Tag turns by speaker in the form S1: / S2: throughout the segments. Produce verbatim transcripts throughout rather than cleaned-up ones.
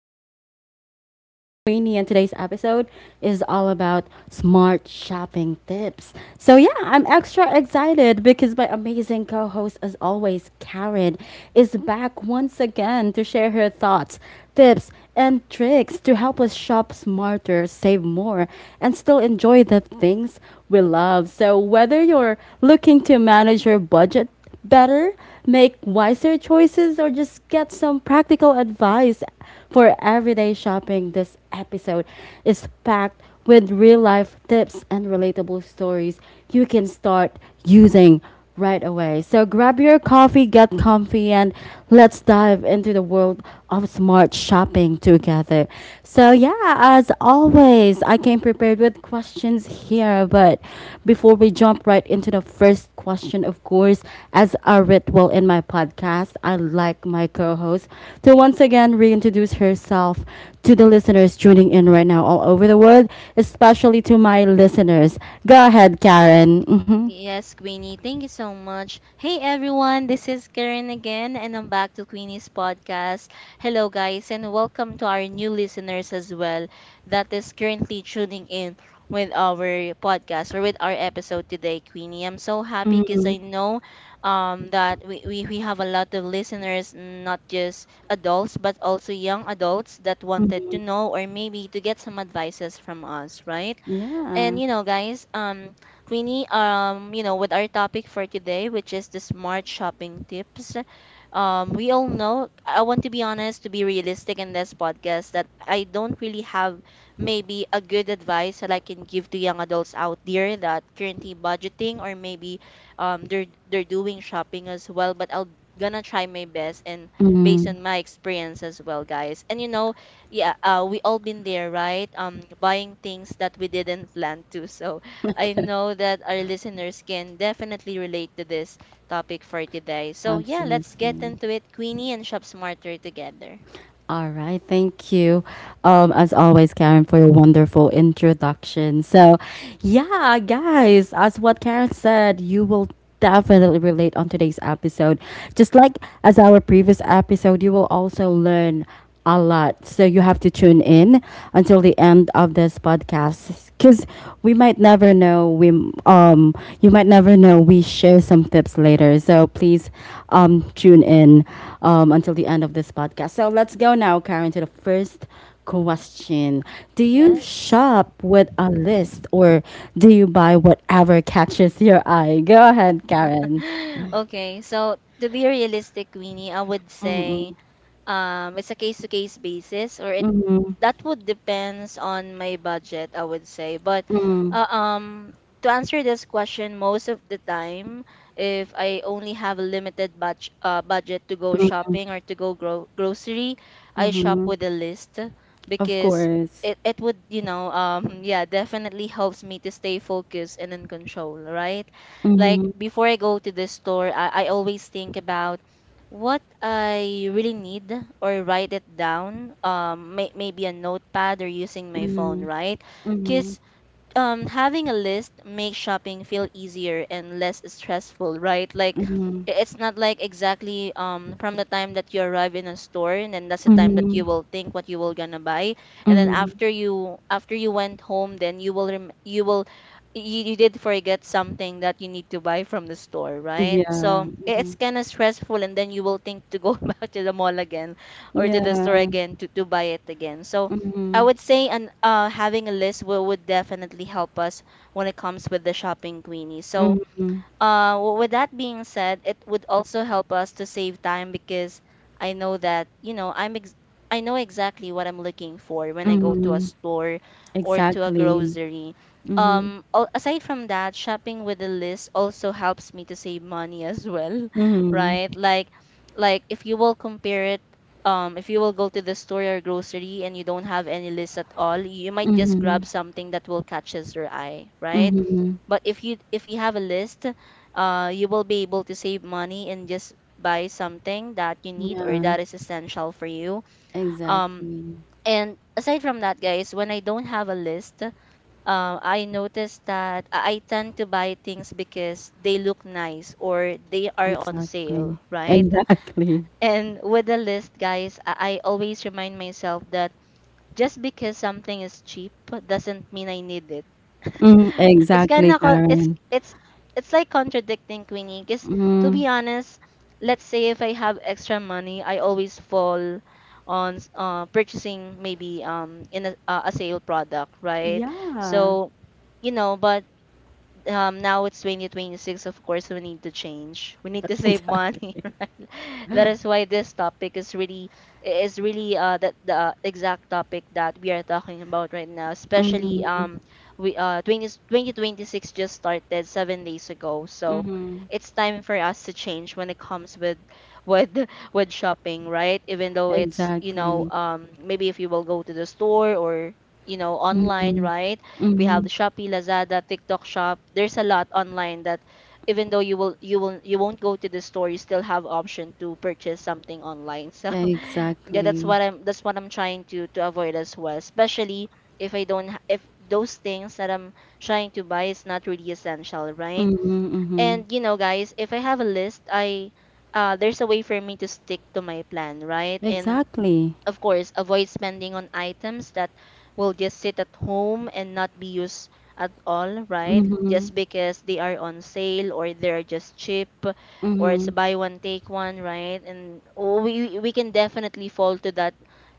S1: conversations. I'm your host, Queenie, and today's episode is all about smart shopping tips. So, yeah, I'm extra excited because my amazing co host, as always, Karen, is back once again to share her thoughts, tips, and tricks to help us shop smarter, save more, and still enjoy the things we love. So whether you're looking to manage your budget better, make wiser choices, or just get some practical advice for everyday shopping, this episode is packed with real life tips and relatable stories you can start using right away. So grab your coffee, get comfy, and let's dive into the world of smart shopping together. So, yeah, as always, I came prepared with questions here. But before we jump right into the first question, of course, as a ritual in my podcast, I like my co host to once again reintroduce herself to the listeners tuning in right now all over the world, especially to my listeners. Go ahead, Karen.
S2: Yes, Queenie, thank you so much. Hey everyone, this is Karen again, and I'm back to Queenie's podcast. Hello, guys, and welcome to our new listeners as well that is currently tuning in with our podcast or with our episode today, Queenie. I'm so happy because
S1: hmm
S2: you know um, that we, we, we have a lot of listeners, not just adults, but also young adults that wanted to
S1: Mhm.
S2: know or maybe to get some advices from us, right? And
S1: Yeah.
S2: you know, guys, um, Queenie, um, you know, with our topic for today, which is the smart shopping tips, um, we all know, I want to be honest, to be realistic in this podcast, that I don't really have maybe a good advice that I can give to young adults out there that currently budgeting or maybe um they're they're doing shopping as well, but I'll gonna try my best and based
S1: Mm.
S2: on my experience as well, guys. And you know, yeah, uh we all been there, right? Um buying things that we didn't plan to. So i
S1: Okay.
S2: know that our listeners can definitely relate to this topic for today. So yeah, let's get
S1: Absolutely.
S2: into it, queenie and shop smarter together.
S1: All right, thank you, um, as always, Karen, for your wonderful introduction. So, yeah, guys, as what Karen said, you will definitely relate on today's episode. Just like as our previous episode, you will also learn a lot. So you have to tune in until the end of this podcast because we might never know. We um you might never know. We share some tips later. So please um tune in um until the end of this podcast. So let's go now, Karen, to the first question. Do you
S2: Yes.
S1: shop with a list or do you buy whatever catches your eye? Go ahead, Karen.
S2: Okay, so to be realistic, Queenie, I would
S1: Mm-hmm.
S2: say um it's a case to case basis, or it
S1: Mm-hmm.
S2: that would depends on my budget, I would say. But uh, um to answer this question, most of the time, if I only have a limited batch, uh, budget to go shopping or to go gro- grocery, I shop
S1: Mm-hmm.
S2: with a list
S1: Of
S2: because
S1: course.
S2: it, it would you know um yeah, definitely helps me to stay focused and in control, right? Like,
S1: Mm-hmm.
S2: before I go to the store, i, I always think about what I really need, or write it down, um, may- maybe a notepad or using my phone, right? Because um having a list makes shopping feel easier and less stressful, right? Like, it's not like exactly um from the time that you arrive in a store, and then that's the time that
S1: Mhm.
S2: you will think what you will gonna buy. And then after you after you went home, then you will rem- you will you, you did forget something that you need to buy from the store, right?
S1: Yeah.
S2: So it's
S1: Mhm.
S2: kind of stressful, and then you will think to go back to the mall again, or to the store
S1: Yeah.
S2: again, to, to buy it again. So I
S1: Mhm.
S2: would say. And uh, having a list will would definitely help us when it comes with the shopping, Queenie. So,
S1: Mhm.
S2: uh, w- with that being said, it would also help us to save time because I know that, you know, I'm ex- I know exactly what I'm looking for when I go to a
S1: Mhm.
S2: store or to a
S1: Exactly.
S2: grocery.
S1: Mhm.
S2: Um, al- aside from that, shopping with a list also helps me to save money as well,
S1: Mhm.
S2: right? Like, like, if you will compare it, um, if you will go to the store or grocery and you don't have any list at all, you might just grab something that will catches your eye, right?
S1: Mhm.
S2: But if you if you have a list, uh, you will be able to save money and just buy something that you need or
S1: Yeah.
S2: that is essential for you. Um,
S1: Exactly.
S2: and aside from that, guys, when I don't have a list, uh, I notice that I I tend to buy things because they look nice or they are on
S1: Exactly.
S2: sale, right?
S1: Exactly.
S2: And with the list, guys, I I always remind myself that just because something is cheap doesn't mean I need it.
S1: Mhm.
S2: it's
S1: Exactly,
S2: gonna co- it's
S1: Karen.
S2: it's it's like contradicting, Queenie, because to
S1: Mm.
S2: be honest, let's say if I have extra money, I always fall on s- uh, purchasing maybe um in a, uh, a sale product, right?
S1: Yeah.
S2: So you know. But um now it's twenty twenty-six. Of course, we need to change. We need to save money.
S1: Exactly.
S2: That is why this topic is really is really uh that the exact topic that we are talking about right now, especially
S1: Mhm.
S2: um we uh twenty, twenty twenty-six just started seven days ago. So it's time for us to change when it comes with with with shopping, right? Even though it's, you know,
S1: Exactly.
S2: maybe if you will go to the store or, you know, online,
S1: Mhm.
S2: right? We have
S1: Mhm.
S2: Shopee, Lazada, TikTok Shop. There's a lot online that, even though you will you will you won't go to the store, you still have option to purchase something online. So yeah, that's
S1: Exactly.
S2: what i'm that's what i'm trying to to avoid as well, especially if i don't ha- if those things that i'm trying to buy is not really essential, right?
S1: Mhm.
S2: And
S1: Mhm.
S2: you know, guys, if I have a list, I uh, there's a way for me to stick to my plan, right? And
S1: Exactly.
S2: of course, avoid spending on items that will just sit at home and not be used at all, right? Just
S1: Mhm.
S2: because they are on sale or they're just cheap, or it's
S1: Mhm.
S2: buy one take one, right? And oh, we we can definitely fall to that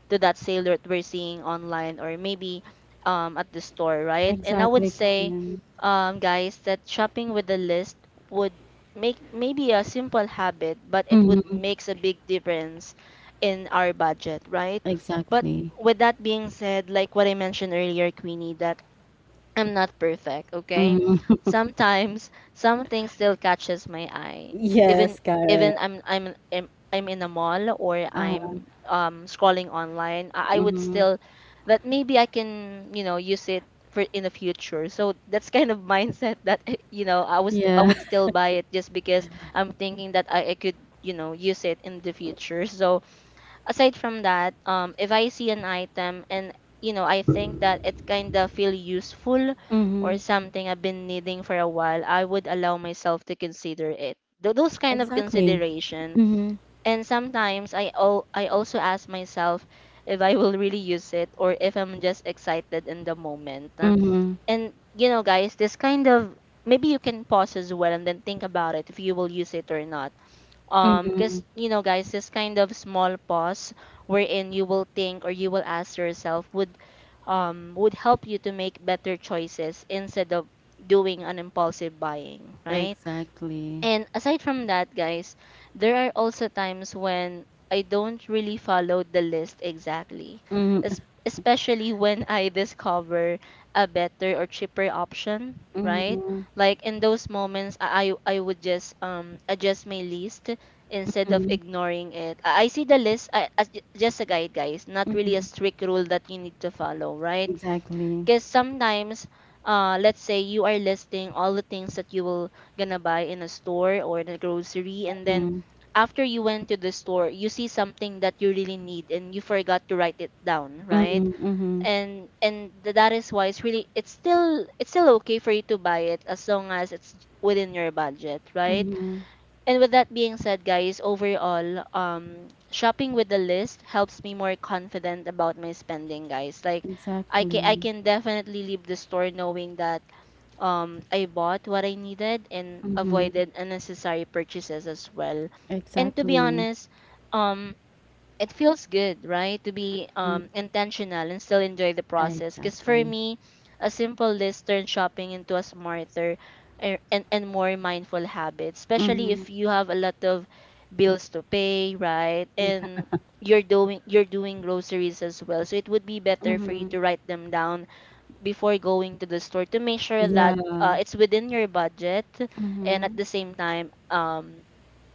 S2: to that sale that we're seeing online, or maybe um at the store, right? And I would
S1: Exactly.
S2: say
S1: Yeah.
S2: um guys that shopping with a list would make maybe a simple habit, but it would makes a big difference in our budget, right? But
S1: Exactly.
S2: with that being said, like what I mentioned earlier, Queenie, that I'm not perfect, okay? Sometimes something still catches my eye. Even
S1: Yes, Karen.
S2: even I'm I'm I'm, I'm in a mall, or I'm um scrolling online, I, I would
S1: Mm-hmm.
S2: still that maybe I can, you know, use it for in the future. So that's kind of mindset that you know, I was I
S1: Yeah.
S2: would still buy it just because I'm thinking that I, I could, you know, use it in the future. So aside from that, um, if I see an item, and you know I think that it kind of feel useful
S1: Mm-hmm.
S2: or something I've been needing for a while, I would allow myself to consider it. Th- Those kind of
S1: Exactly.
S2: consideration,
S1: Mm-hmm.
S2: and sometimes I al- I also ask myself if I will really use it or if I'm just excited in the moment. Uh,
S1: Mm-hmm.
S2: And you know, guys, this kind of, maybe you can pause as well and then think about it if you will use it or not, um,
S1: Mm-hmm.
S2: 'cause, you know, guys, this kind of small pause wherein you will think or you will ask yourself would um would help you to make better choices instead of doing an impulsive buying, right?
S1: Exactly.
S2: And aside from that, guys, there are also times when I don't really follow the list exactly,
S1: Mm-hmm.
S2: es- especially when I discover a better or cheaper option, right?
S1: Mm-hmm.
S2: Like, in those moments, I I I would just um adjust my list instead of
S1: Mm-hmm.
S2: ignoring it. I I see the list I, as ju- just a guide, guys, not really a
S1: Mm-hmm.
S2: strict rule that you need to follow, right?
S1: Exactly.
S2: Because sometimes, uh, let's say you are listing all the things that you will gonna buy in a store or in a grocery, and then
S1: Mm-hmm.
S2: after you went to the store, you see something that you really need and you forgot to write it down, right?
S1: Mm-hmm. Mm-hmm.
S2: And and th- that is why it's really it's still it's still okay for you to buy it, as long as it's within your budget, right?
S1: Mm-hmm.
S2: And with that being said, guys, overall, um, shopping with a list helps me more confident about my spending, guys. Like, I can I
S1: Exactly.
S2: can definitely leave the store knowing that um I bought what I needed and
S1: Mm-hmm.
S2: avoided unnecessary purchases as well. And to be
S1: Exactly.
S2: honest, um it feels good, right? To be
S1: Mm-hmm.
S2: um intentional and still enjoy the process. Because for
S1: Exactly.
S2: me, a simple list turns shopping into a smarter er, and, and more mindful habit, especially
S1: Mm-hmm.
S2: if you have a lot of bills to pay, right?
S1: Yeah.
S2: And you're doing you're doing groceries as well. So it would be better for you
S1: Mm-hmm.
S2: to write them down before going to the store to make sure that
S1: Yeah.
S2: uh, it's within your budget, and at
S1: Mm-hmm.
S2: the same time um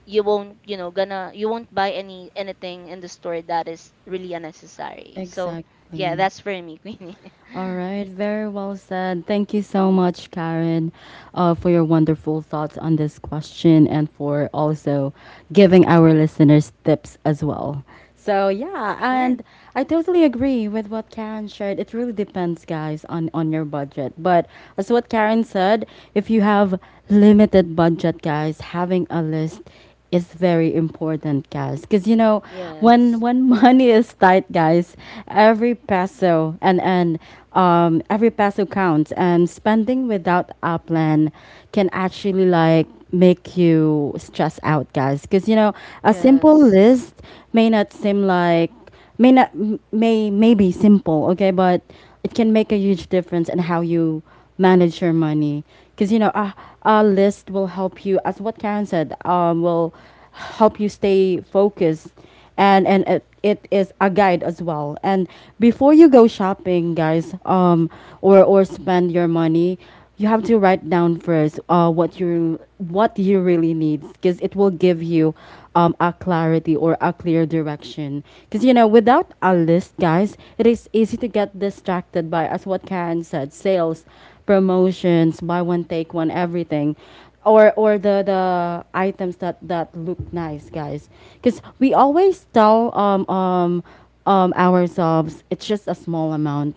S2: you won't you know gonna you won't buy any anything in the store that is really unnecessary. So yeah,
S1: Exactly.
S2: that's for me. Queenie.
S1: All right, very well said. Thank you so much, Karen, uh, for your wonderful thoughts on this question and for also giving our listeners tips as well. So yeah,
S2: Sure.
S1: and I totally agree with what Karen shared. It really depends, guys, on on your budget. But as what Karen said, if you have limited budget, guys, having a list is very important, guys. Because you know, when when money is tight, guys, every peso and and um, every peso counts, and spending without a plan can actually like make you stress out, guys. Because you know, a simple
S2: Yes.
S1: list may not seem like may not may may be simple, okay, but it can make a huge difference in how you manage your money. Because you know, a, a list will help you, as what Karen said. Um, will help you stay focused, and and it, it is a guide as well. And before you go shopping, guys, um or or spend your money, you have to write down first, uh, what you what you really need, because it will give you um, a clarity or a clear direction. Because you know, without a list, guys, it is easy to get distracted by, as what Karen said, sales, promotions, buy one take one, everything, or or the the items that that look nice, guys, because we always tell um, um, um, ourselves it's just a small amount,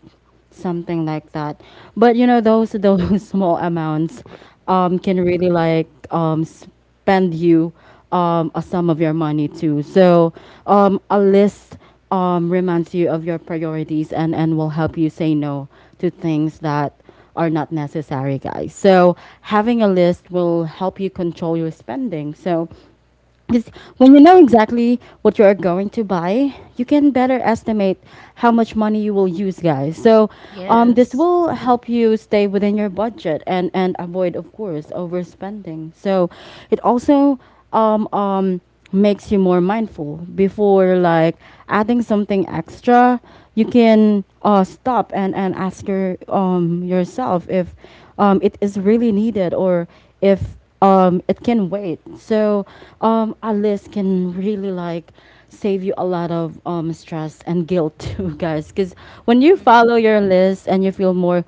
S1: something like that. But you know, those those small amounts um can really like um spend you um a sum of your money too. So um a list um reminds you of your priorities, and and will help you say no to things that are not necessary, guys. So having a list will help you control your spending. So because when you know exactly what you are going to buy, you can better estimate how much money you will use, guys. So, um,
S2: Yes.
S1: this will help you stay within your budget and and avoid, of course, overspending. So, it also um um makes you more mindful before like adding something extra. You can uh stop and and ask your um yourself if um it is really needed, or if um, it can wait. So um, a list can really like save you a lot of um stress and guilt too, guys. Because when you follow
S2: Mm-mm.
S1: your list, and you feel more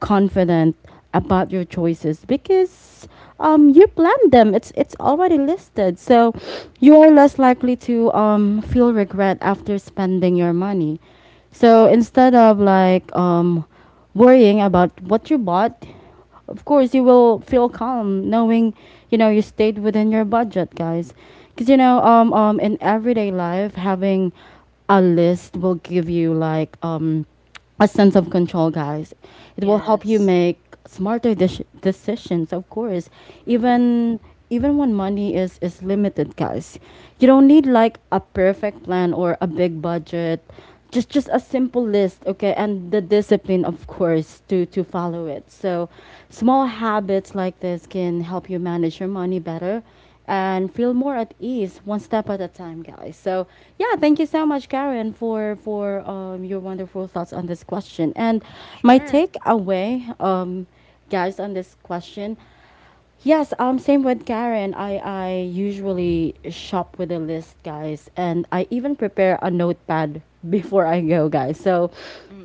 S1: confident about your choices, because um you planned them, it's it's already listed. So you are less likely to um feel regret after spending your money. So instead of like um worrying about what you bought, of course you will feel calm knowing, you know, you stayed within your budget, guys. Because you know, um, um in everyday life, having a list will give you like um a sense of control, guys. It will help you make smarter dec- decisions, of course.
S2: Mm-mm.
S1: Even even when money is is limited, guys. You don't need like a perfect plan or a big budget. Just just a simple list, okay, and the discipline, of course, to to follow it. So, small habits like this can help you manage your money better and feel more at ease, one step at a time, guys. So yeah, thank you so much, Karen, for for um, your wonderful thoughts on this question. And my
S2: Sure.
S1: takeaway, um, guys, on this question, yes, um, same with Karen. I I usually shop with a list, guys, and I even prepare a notepad before I go, guys. So,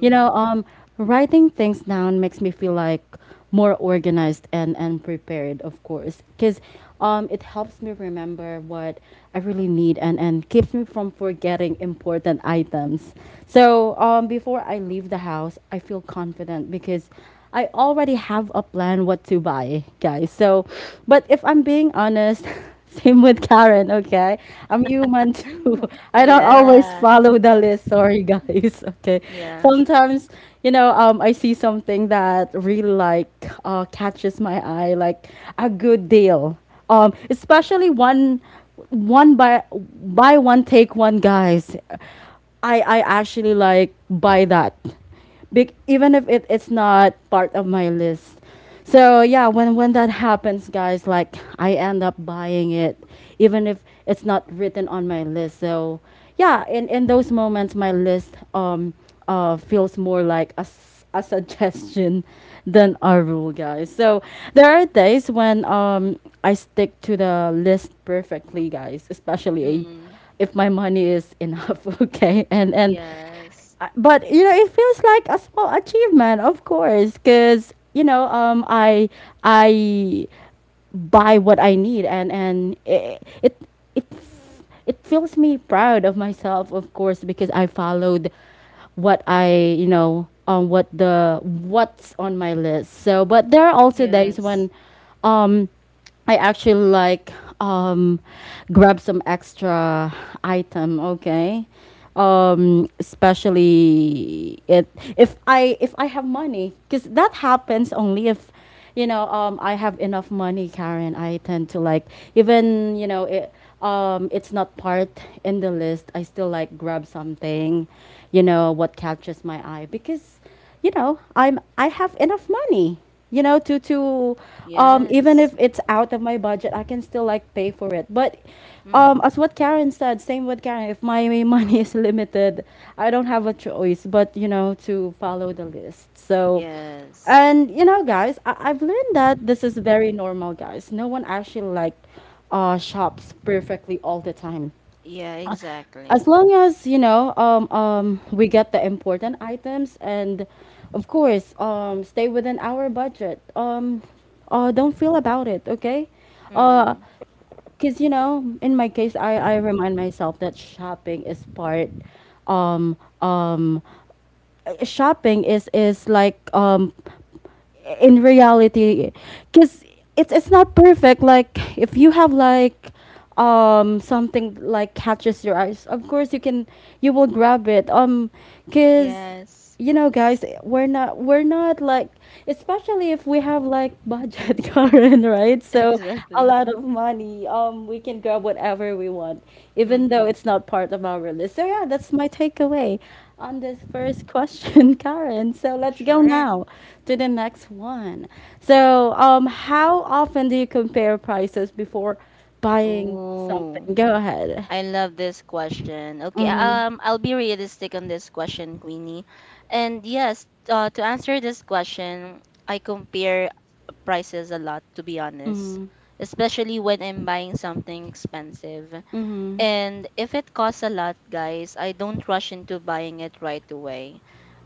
S1: you know, um, writing things down makes me feel like more organized and and prepared, of course, because um it helps me remember what I really need, and and keeps me from forgetting important items. So um before I leave the house, I feel confident because I already have a plan what to buy, guys. So but if I'm being honest, same with Karen, okay, I'm human too. I don't always
S2: yeah
S1: follow the list, sorry guys. Okay,
S2: Yeah.
S1: sometimes, you know, um, I see something that really like uh, catches my eye, like a good deal. Um, especially one, one buy buy one take one, guys. I I actually like buy that, big, even if it, it's not part of my list. So yeah, when when that happens, guys, like I end up buying it, even if it's not written on my list. So yeah, in in those moments, my list um uh feels more like a s- a suggestion than a rule, guys. So there are days when um I stick to the list perfectly, guys, especially
S2: Mm.
S1: if my money is enough. Okay, and
S2: yeah
S1: and
S2: Yes.
S1: uh, but you know, it feels like a small achievement, of course, because you know, um I I buy what I need, and and it it it, f- it feels me proud of myself, of course, because I followed what I, you know, um what the what's on my list. So but there are also days
S2: Yes.
S1: when um I actually like um, grab some extra item. Okay, um, especially it if I if I have money, because that happens only if, you know, um, I have enough money, Karen. I tend to like, even you know it, Um, it's not part in the list. I still like grab something, you know, what catches my eye, because you know, I'm I have enough money, you know, to to um
S2: Yes.
S1: even if it's out of my budget, I can still like pay for it. But um
S2: Mm.
S1: as what Karen said, same with Karen, if my money is limited, I don't have a choice but, you know, to follow the list. So
S2: Yes.
S1: and you know, guys, I- I've learned that this is very normal, guys. No one actually like uh shops perfectly all the time.
S2: Yeah,
S1: Uh, as
S2: exactly.
S1: long as you know, um, um, we get the important items, and of course, um, stay within our budget, um, uh, don't feel about it, okay, because
S2: Mm.
S1: you know, in my case, I, I remind myself that shopping is part um, um, uh, shopping is is like um in reality, because it's it's not perfect. Like if you have like um something like catches your eyes, of course you can you will grab it. Um because
S2: Yes.
S1: you know, guys, we're not we're not like, especially if we have like budget, Karen, right? So a
S2: Exactly.
S1: lot of money, um we can grab whatever we want, even
S2: Mm.
S1: though it's not part of our list. So yeah, that's my takeaway on this first question, Karen. So let's go
S2: Right.
S1: now to the next one. So, um, how often do you compare prices before buying
S2: oh
S1: something? Go ahead.
S2: I love this question. Okay,
S1: Mm-hmm.
S2: um, I'll be realistic on this question, Queenie. And yes, uh, to answer this question, I compare prices a lot, to be honest,
S1: Mm-hmm.
S2: especially when I'm buying something expensive.
S1: Mm-hmm.
S2: And if it costs a lot, guys, I don't rush into buying it right away.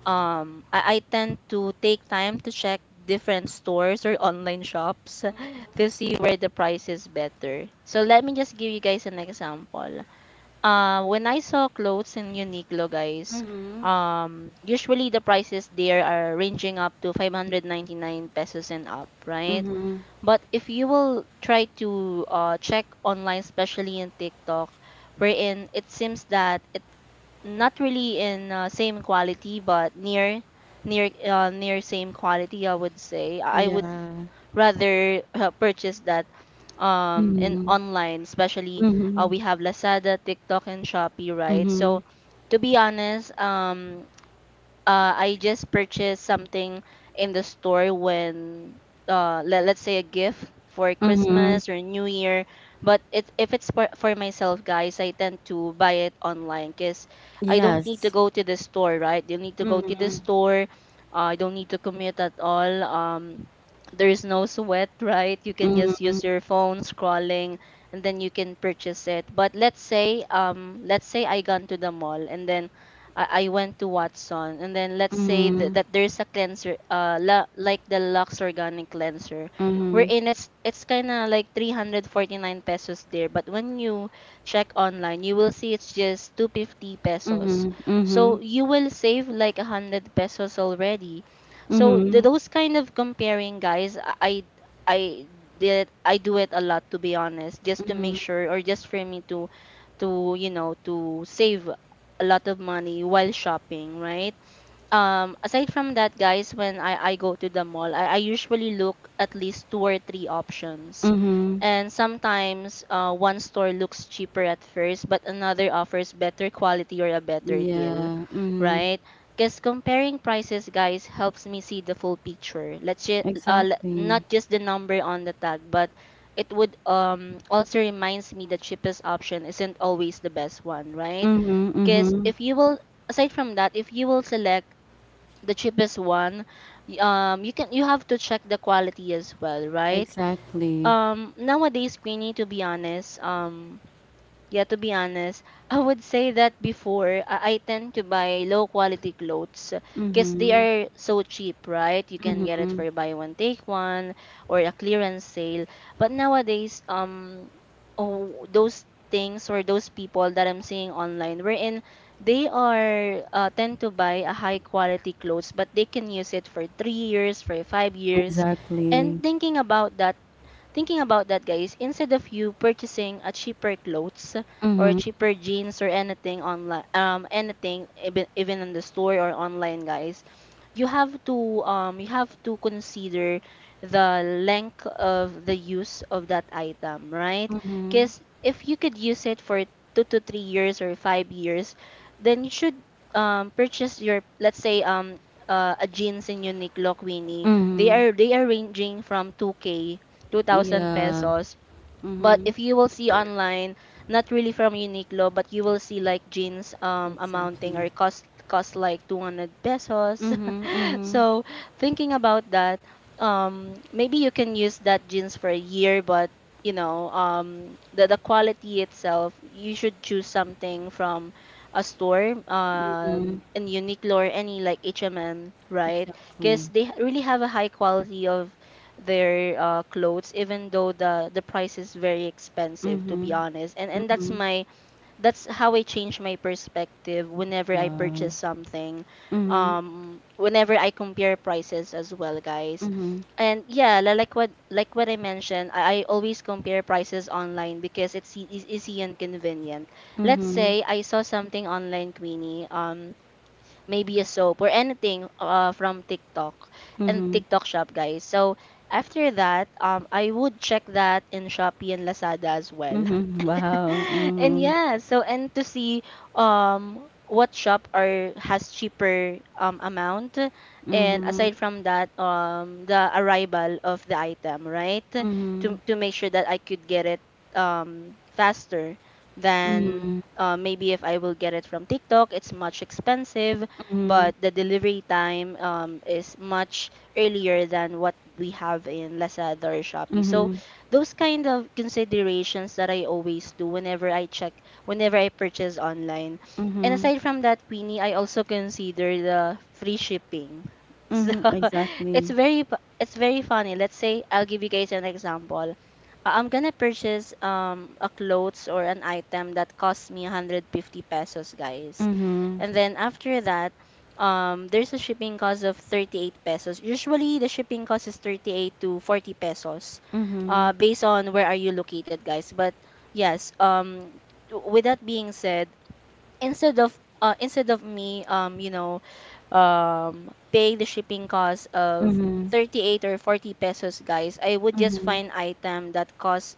S2: Um, I, I tend to take time to check different stores or online shops to see where the price is better. So let me just give you guys an example. Uh, when I saw clothes in Uniqlo, guys,
S1: Mm-hmm.
S2: um, usually the prices there are ranging up to five hundred ninety-nine pesos and up, right?
S1: Mm-hmm.
S2: But if you will try to uh, check online, especially in TikTok, wherein it seems that it, not really in uh, same quality, but near, near, uh, near same quality, I would say. I
S1: Yeah.
S2: rather uh, purchase that um in
S1: Mm-hmm.
S2: online, especially
S1: Mm-hmm.
S2: uh, we have Lazada, TikTok, and Shopee, right?
S1: Mm-hmm.
S2: So to be honest, um uh, I just purchased something in the store when, uh, let, let's say, a gift for
S1: Mm-hmm.
S2: Christmas or New Year. But it, if it's for, for myself, guys, I tend to buy it online because I don't need to
S1: Yes.
S2: go to the store, right? You need to go to
S1: Mm-hmm.
S2: the store. Uh, I don't need to commute at all. Um, there is no sweat, right? You can just use your phone scrolling and then you can purchase it. But let's say, um, let's say I gone to the mall, and then I, I went to Watson, and then let's say that, that there's a cleanser, uh, la, like the Lux Organic Cleanser,
S1: Mm-hmm.
S2: wherein it's it's kind of like three hundred forty-nine pesos there, but when you check online, you will see it's just two hundred fifty pesos.
S1: Mm-hmm. Mm-hmm.
S2: So you will save like one hundred pesos already. So
S1: Mm-hmm.
S2: those kind of comparing, guys, I I did I do it a lot, to be honest, just to make sure, or just for me to to you know to save a lot of money while shopping, right? Um, aside from that, guys, when I, I go to the mall, I, I usually look at least two or three options.
S1: Mm-hmm.
S2: And sometimes, uh, one store looks cheaper at first, but another offers better quality or a better deal,
S1: Yeah. Mm-hmm.
S2: right? Because comparing prices, guys, helps me see the full picture. Let's ju- uh, le-
S1: Exactly.
S2: not just the number on the tag, but it would um also reminds me the cheapest option isn't always the best one, right?
S1: Mm-hmm.
S2: is
S1: Mm-hmm.
S2: if you will Aside from that, if you will select the cheapest one, y- um you can you have to check the quality as well, right?
S1: Exactly.
S2: Um nowadays, Queenie, to be honest, um yeah, to be honest, I would say that before, I, I tend to buy low quality clothes because they
S1: Mhm,
S2: are so cheap, right? You can get it
S1: mhm,
S2: for buy one take one or a clearance sale. But nowadays, um, oh, those things or those people that I'm seeing online, wherein they are, uh, tend to buy a high quality clothes, but they can use it for three years, for five years. And
S1: exactly.
S2: thinking about that thinking about that, guys, instead of you purchasing a cheaper clothes or
S1: Mhm,
S2: cheaper jeans or anything online, um, anything, even even in the store or online, guys, you have to, um you have to consider the length of the use of that item, right? Because if you could use it for two to three years or five years, then you should, um purchase your, let's say, um uh, a jeans in Uniqlo, Queenie. They
S1: mhm.
S2: are they are ranging from two k, two thousand
S1: Yeah.
S2: pesos. But
S1: Mhm.
S2: if you will see online, not really from Uniqlo, but you will see like jeans, um amounting
S1: Exactly.
S2: or cost cost like two hundred pesos.
S1: Mhm, mhm,
S2: So thinking about that, um maybe you can use that jeans for a year, but you know, um the the quality itself, you should choose something from a store,
S1: mhm.
S2: um in Uniqlo or any like H and M, right? Because
S1: Exactly.
S2: they really have a high quality of their, uh, clothes, even though the the price is very expensive, to be
S1: Mhm,
S2: honest. and and that's
S1: mhm.
S2: my that's how I change my perspective whenever I
S1: Wow.
S2: purchase something,
S1: Mhm,
S2: um whenever I compare prices as well, guys.
S1: mhm,
S2: And yeah, li- like what like what I mentioned, i, I always compare prices online because it's e- is easy and convenient. Let's
S1: mhm,
S2: say I saw something online, Queenie, um maybe a soap or anything, uh, from TikTok and
S1: mhm,
S2: TikTok shop, guys. So after that, um, I would check that in Shopee and Lazada as well.
S1: mhm. Wow.
S2: And
S1: Mhm,
S2: yeah, so and to see um what shop are has cheaper, um amount, and
S1: mhm,
S2: aside from that, um the arrival of the item, right? To to make sure that I could get it, um faster than,
S1: mhm,
S2: uh, maybe if I will get it from TikTok, it's much expensive, but the delivery time, um, is much earlier than what we have in Lazada or
S1: mhm,
S2: Shopee. So
S1: mhm,
S2: those kind of considerations that I always do whenever I check, whenever I purchase online. And
S1: mhm,
S2: aside from that, Queenie, I also consider the free shipping. So
S1: mhm.
S2: it's
S1: Exactly.
S2: very pu- it's very funny. Let's say I'll give you guys an example. Uh, I'm gonna purchase um a clothes or an item that costs me one hundred fifty pesos, guys.
S1: Mhm,
S2: And then after that, um there's a shipping cost of thirty-eight pesos. Usually the shipping cost is thirty-eight to forty pesos, uh,
S1: mhm,
S2: based on where are you located, guys. But yes, um, w- with that being said, instead of uh, instead of me, um, you know, um, paying the shipping cost of
S1: mhm,
S2: thirty-eight or forty pesos, guys, I would just
S1: mhm,
S2: find item that costs,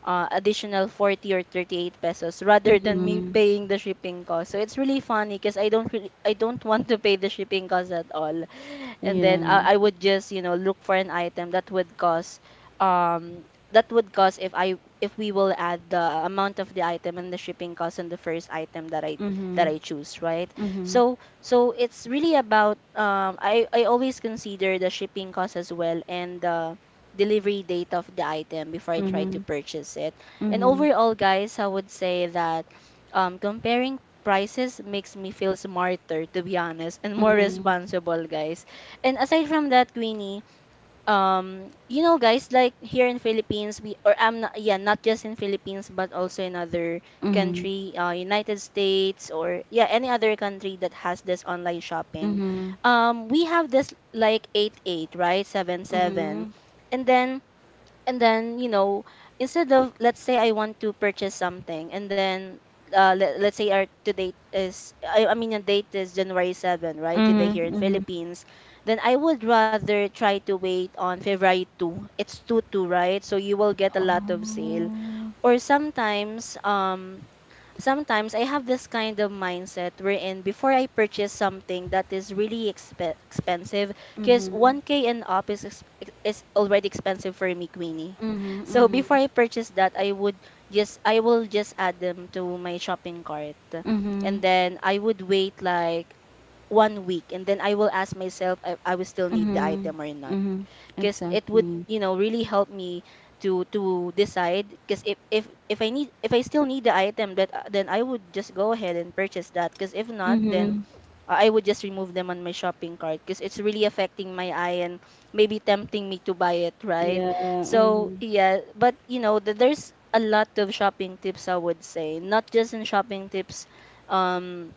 S2: uh, additional forty or thirty-eight pesos, rather than me
S1: mhm.
S2: paying the shipping cost. So it's really funny because I don't really I don't want to pay the shipping cost at all, and then,
S1: Yeah.
S2: uh, I would just, you know look for an item that would cost, um that would cost if I if we will add the amount of the item and the shipping cost on the first item that I that
S1: Mhm,
S2: I choose, right?
S1: mhm,
S2: So so it's really about, um I I always consider the shipping cost as well and the delivery date of the item before I try to
S1: mhm,
S2: purchase it. And
S1: mhm,
S2: overall, guys, I would say that, um comparing prices makes me feel smarter, to be honest, and more
S1: mhm,
S2: responsible, guys. And aside from that, Queenie, um you know, guys, like here in Philippines, we or I'm not, yeah, not just in Philippines, but also in other
S1: mhm,
S2: country, uh, United States, or yeah, any other country that has this online shopping.
S1: mhm,
S2: Um we have this like eight eight, right? seven seven.
S1: mhm,
S2: And then, and then you know instead of, let's say, I want to purchase something, and then, uh, let, let's say, our to date is, I, I mean, a date is January seven, right? Today
S1: mhm,
S2: here in
S1: mhm.
S2: Philippines. Then I would rather try to wait on February two. It's two two, right? So you will get a lot of sale.
S1: Oh.
S2: Or sometimes, um sometimes I have this kind of mindset wherein before I purchase something that is really exp- expensive, because
S1: Mhm,
S2: one K and up, is, ex- is already expensive for me, Queenie.
S1: mhm,
S2: So
S1: mhm,
S2: before I purchase that, I would just I will just add them to my shopping cart, and
S1: mhm,
S2: then I would wait like one week, and then I will ask myself if I will still need the
S1: mhm,
S2: item or not,
S1: mhm.
S2: because it would,
S1: Exactly.
S2: you know really help me to to decide, because if, if if i need if I still need the item, that uh, then I would just go ahead and purchase that, because if not, then
S1: Mhm.
S2: I would just remove them on my shopping cart because it's really affecting my eye and maybe tempting me to buy it, right?
S1: Yeah.
S2: So
S1: Mhm.
S2: yeah. But, you know th- there's a lot of shopping tips, I would say, not just in shopping tips, um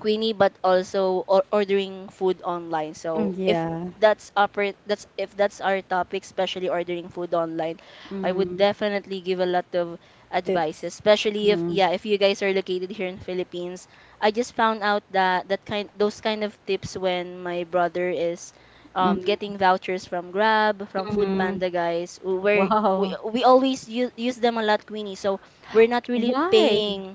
S2: Queenie, but also or ordering food online. So
S1: Mm,
S2: if
S1: yeah.
S2: that's upper, that's if that's our topic, especially ordering food online, I would
S1: Mhm.
S2: definitely give a lot of advice,
S1: Tips.
S2: especially if,
S1: Mhm.
S2: yeah, if you guys are located here in Philippines. I just found out that that kind those kind of tips when my brother is, um, getting vouchers from Grab, from Food
S1: Mhm.
S2: Panda, guys, where we,
S1: Wow.
S2: we always use, use them a lot, Queenie. So we're not really
S1: Why?
S2: paying,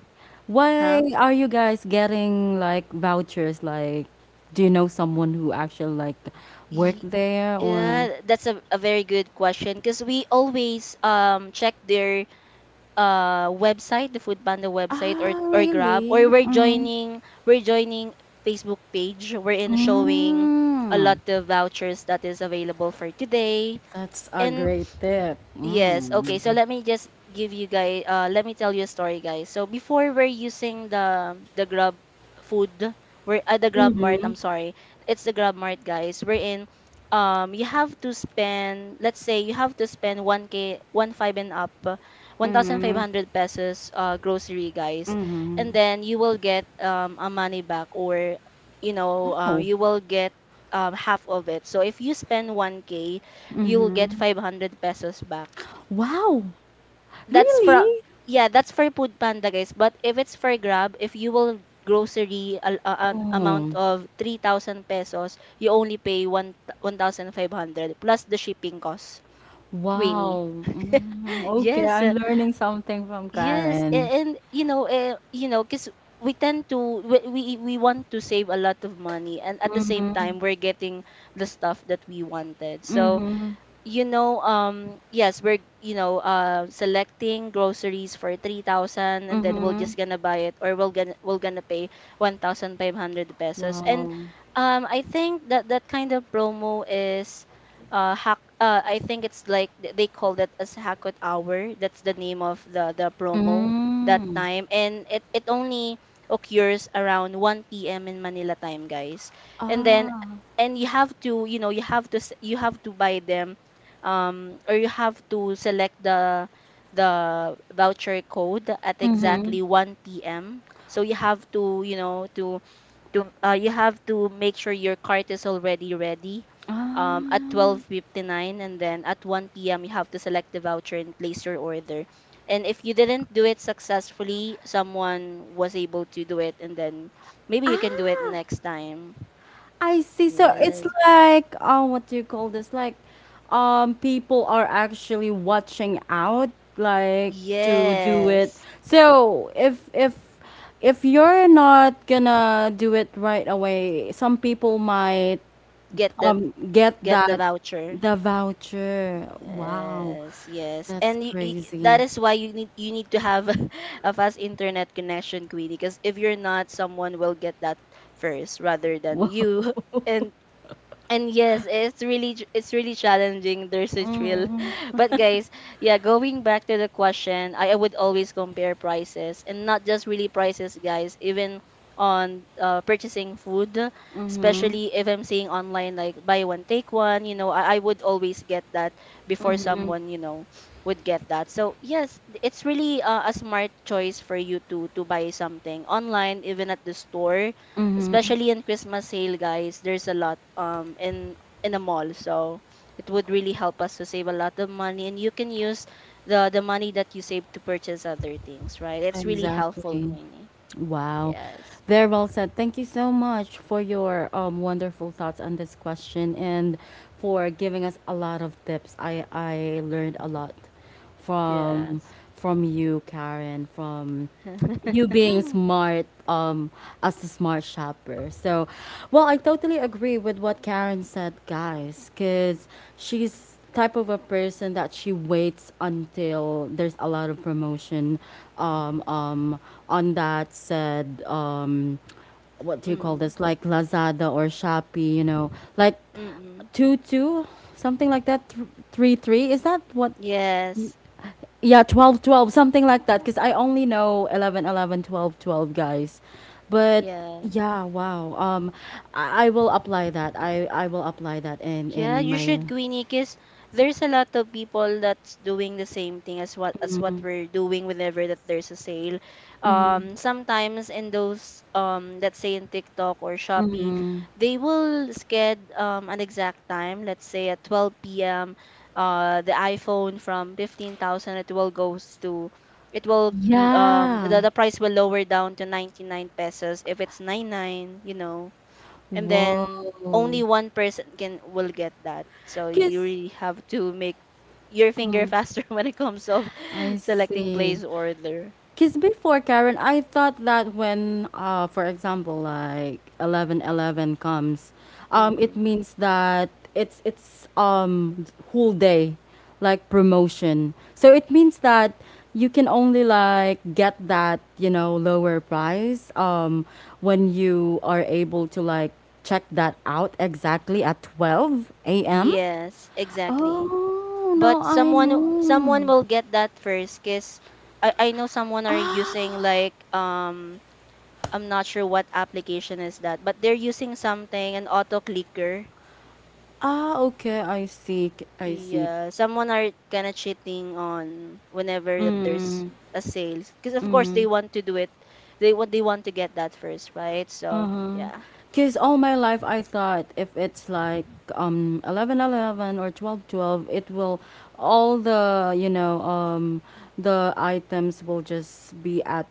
S2: huh?
S1: Why are you guys getting like vouchers? Like, do you know someone who actually like work there or?
S2: Yeah, that's a, a very good question because we always, um check their, uh website, the Food Panda website, or
S1: Ah,
S2: or Grab, or
S1: really?
S2: we're
S1: Mm.
S2: joining we're joining Facebook page. We're in showing a lot
S1: Mm.
S2: of vouchers that is available for today.
S1: That's a
S2: And
S1: great tip.
S2: yes. Okay.
S1: Mm.
S2: So let me just give you guys. Uh, let me tell you a story, guys. So before we're using the the Grab food, we're at the Grab Mart.
S1: Mm-hmm.
S2: I'm sorry, it's the Grab Mart, guys. We're in. Um, you have to spend. Let's say you have to spend one k, one five and up, one thousand five
S1: Mm.
S2: hundred pesos. Uh, grocery, guys, and
S1: Mm.
S2: then you will get, um a money back, or, you know, uh,
S1: Wow.
S2: you will get, um half of it. So if you spend one k, you will get
S1: Mm.
S2: five hundred pesos back.
S1: Wow.
S2: That's for
S1: Really?
S2: Yeah, that's for Food Panda, guys. But if it's for Grab, if you will grocery a, a- an amount
S1: Oh.
S2: of three thousand pesos, you only pay one fifteen hundred plus the shipping cost, Winnie.
S1: Wow. Mm. Okay,
S2: yes
S1: I'm
S2: uh,
S1: learning something from
S2: yes a-
S1: Karen.
S2: and you know uh, you know because we tend to we, we we want to save a lot of money, and at the same
S1: Mm.
S2: time we're getting the stuff that we wanted. So,
S1: Mm.
S2: you know um yes, we're, you know uh selecting groceries for three thousand, and then we'll
S1: Mm.
S2: just gonna buy it, or we'll gonna we'll gonna pay one thousand five hundred pesos. And
S1: Wow.
S2: um I think that that kind of promo is, uh hack uh I think it's like, th- they call that as hackot hour. That's the name of the the promo that
S1: Mm.
S2: time, and it it only occurs around one p m in Manila time, guys. And then,
S1: Ah.
S2: and you have to, you know you have to s- you have to buy them, um, or you have to select the the voucher code at
S1: Mhm.
S2: exactly one p m. So you have to, you know, to to uh, you have to make sure your cart is already ready,
S1: Ah.
S2: um, at twelve fifty-nine, and then at one p m you have to select the voucher and place your order. And if you didn't do it successfully, someone was able to do it, and then maybe you can do it
S1: Ah,
S2: next time.
S1: I see. So it's
S2: Yes.
S1: like, oh, what do you call this? Like, um, people are actually watching out, like to do
S2: Yes.
S1: it. So if if if you're not gonna do it right away, some people might
S2: Get that.
S1: um get
S2: Get the
S1: that,
S2: voucher.
S1: the voucher. Wow,
S2: Yes, yes.
S1: that's
S2: And you, y That
S1: crazy.
S2: is why you need you need to have a fast internet connection, Queenie, because if you're not, someone will get that first rather than you. And and yes, it's really, ch- it's really challenging. There's a thrill, but guys, yeah, going back to the question, I, I would always compare prices, and not just really prices, guys, even on, uh, purchasing food, especially if I'm seeing online, like buy one take one, you know I, I would always get that before someone, you know would get that. So yes, th- it's really, uh, a smart choice for you to to buy something online, even at the store, especially in Christmas sale, guys. There's a lot, um in in a mall, so it would really help us to save a lot of money, and you can use the the money that you save to purchase other things, right? It's really helpful,
S1: Exactly.
S2: Queenie.
S1: Wow.
S2: Yes.
S1: Very well said. Thank you so much for your um, wonderful thoughts on this question and for giving us a lot of tips. I, I learned a lot from
S2: Yes.
S1: from you, Karen, from you being smart um as a smart shopper. So well, I totally agree with what Karen said, guys, because she's type of a person that she waits until there's a lot of promotion, um, um, on that said, um, what do you call
S2: Mm.
S1: this, like Lazada or Shopee, you know, like
S2: Mm.
S1: two two, something like that, th- three three, is that what,
S2: Yes.
S1: yeah, twelve twelve, something like that, because I only know eleven eleven, twelve twelve, guys. But
S2: Yes.
S1: yeah, wow, um i, I will apply that, i i will apply that in
S2: Yeah,
S1: in
S2: you
S1: my,
S2: should, Queenie, because there's a lot of people that's doing the same thing as what as what we're doing whenever that there's a sale. Um, sometimes in those, um, let's say, in TikTok or Shopee, they will sched um an exact time. Let's say at twelve p m. Uh, the iPhone from fifteen thousand, it will goes to it will l- um
S1: yeah.
S2: the, the price will lower down to ninety-nine pesos. If it's ninety-nine, you know and
S1: Whoa,
S2: then only one person can will get that. So you
S1: kiss!
S2: really have to make your finger faster when it comes of
S1: I
S2: selecting
S1: see. see.
S2: place order.
S1: 'Cause before, Karen, I thought that when, uh, for example, like eleven eleven comes, um, it
S2: Mm.
S1: means that it's it's um whole day, like promotion. So it means that you can only like get that, you know, lower price um when you are able to like check that out exactly at twelve a m.
S2: Yes, exactly.
S1: Oh,
S2: But
S1: now I
S2: someone w- someone
S1: know.
S2: will get that first, because I, I know someone are
S1: Ah,
S2: using like, um I'm not sure what application is that, but they're using something, an auto clicker.
S1: ah, okay, I see, I see.
S2: Yeah, someone are kind of cheating on whenever that there's a sale, because of course they want to do it. They want they want to get that first, right? So yeah,
S1: Because all my life I thought if it's like um eleven eleven or twelve twelve, it will, all the, you know um the items will just be at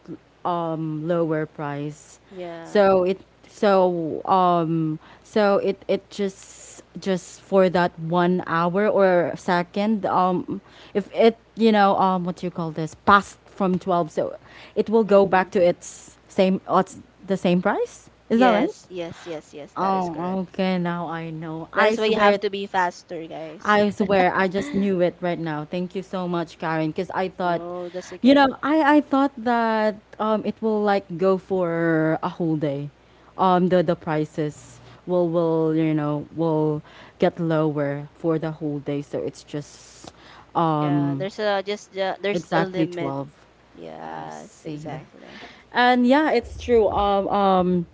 S1: um lower price.
S2: yeah.
S1: So it, so um so it it just just for that one hour or second, um if it, you know um what you call this, passed from twelve, so it will go back
S2: Mm-mm.
S1: to its same, uh, the same price, is that right?
S2: Yes, yes, yes, yes. That is
S1: Oh,
S2: correct.
S1: okay. Now I know.
S2: That
S1: I
S2: is why you have
S1: swear,
S2: to be faster, guys.
S1: I swear, I just knew it right now. Thank you so much, Karen, because I thought,
S2: No, that's
S1: you
S2: okay.
S1: know, I I thought that um it will like go for a whole day. Um the the prices will will, you know, will get lower for the whole day. So it's just
S2: Yeah,
S1: um
S2: there's a just uh, there's a
S1: exactly
S2: limit.
S1: twelve. I
S2: Yes,
S1: see that.
S2: exactly.
S1: And yeah, it's true. Um, um,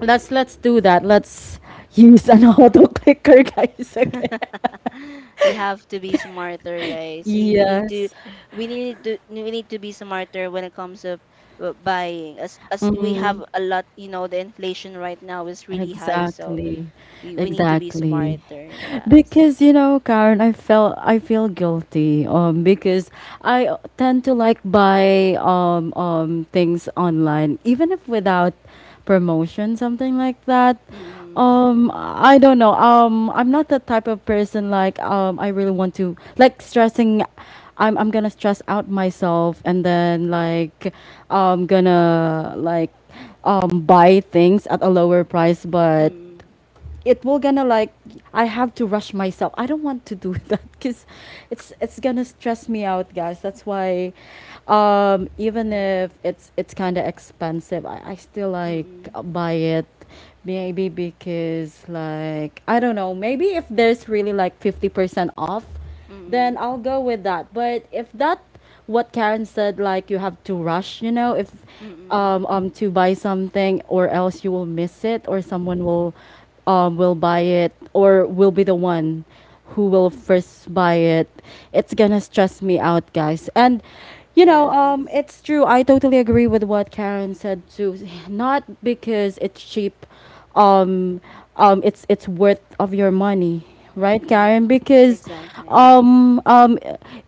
S1: let's let's do that. Let's use an auto clicker, guys. Okay.
S2: You have to be smarter, guys. You, you need to,
S1: Yes.
S2: we need to we need to be smarter when it comes of, uh, buying, as as we have a lot. You know the inflation right now is really high, so
S1: Exactly.
S2: we, we need to be smart,
S1: Exactly.
S2: yeah.
S1: Because you know, Karen, I felt, I feel guilty um because I tend to like buy um um things online even if without promotion, something like that.
S2: Mm-mm.
S1: Um I don't know. Um I'm not the type of person like um I really want to like stressing, I'm I'm gonna stress out myself and then like I'm gonna like um, buy things at a lower price,
S2: Mm-mm.
S1: but it will gonna like, I have to rush myself. I don't want to do that because it's it's gonna stress me out, guys. That's why, um, even if it's it's kind of expensive, I, I still like
S2: Mm-mm.
S1: buy it. Maybe because like I don't know. Maybe if there's really like fifty percent off, then
S2: Mm-mm.
S1: I'll go with that. But if that what Karen said, like you have to rush, you know, if
S2: Mm-mm.
S1: um, um to buy something or else you will miss it, or someone will um will buy it or will be the one who will first buy it. It's gonna stress me out, guys. And you know,
S2: Yeah.
S1: um, it's true. I totally agree with what Karen said too. Not because it's cheap, um, um, it's it's worth of your money, right,
S2: Mm-mm.
S1: Karen? Because
S2: Exactly.
S1: um um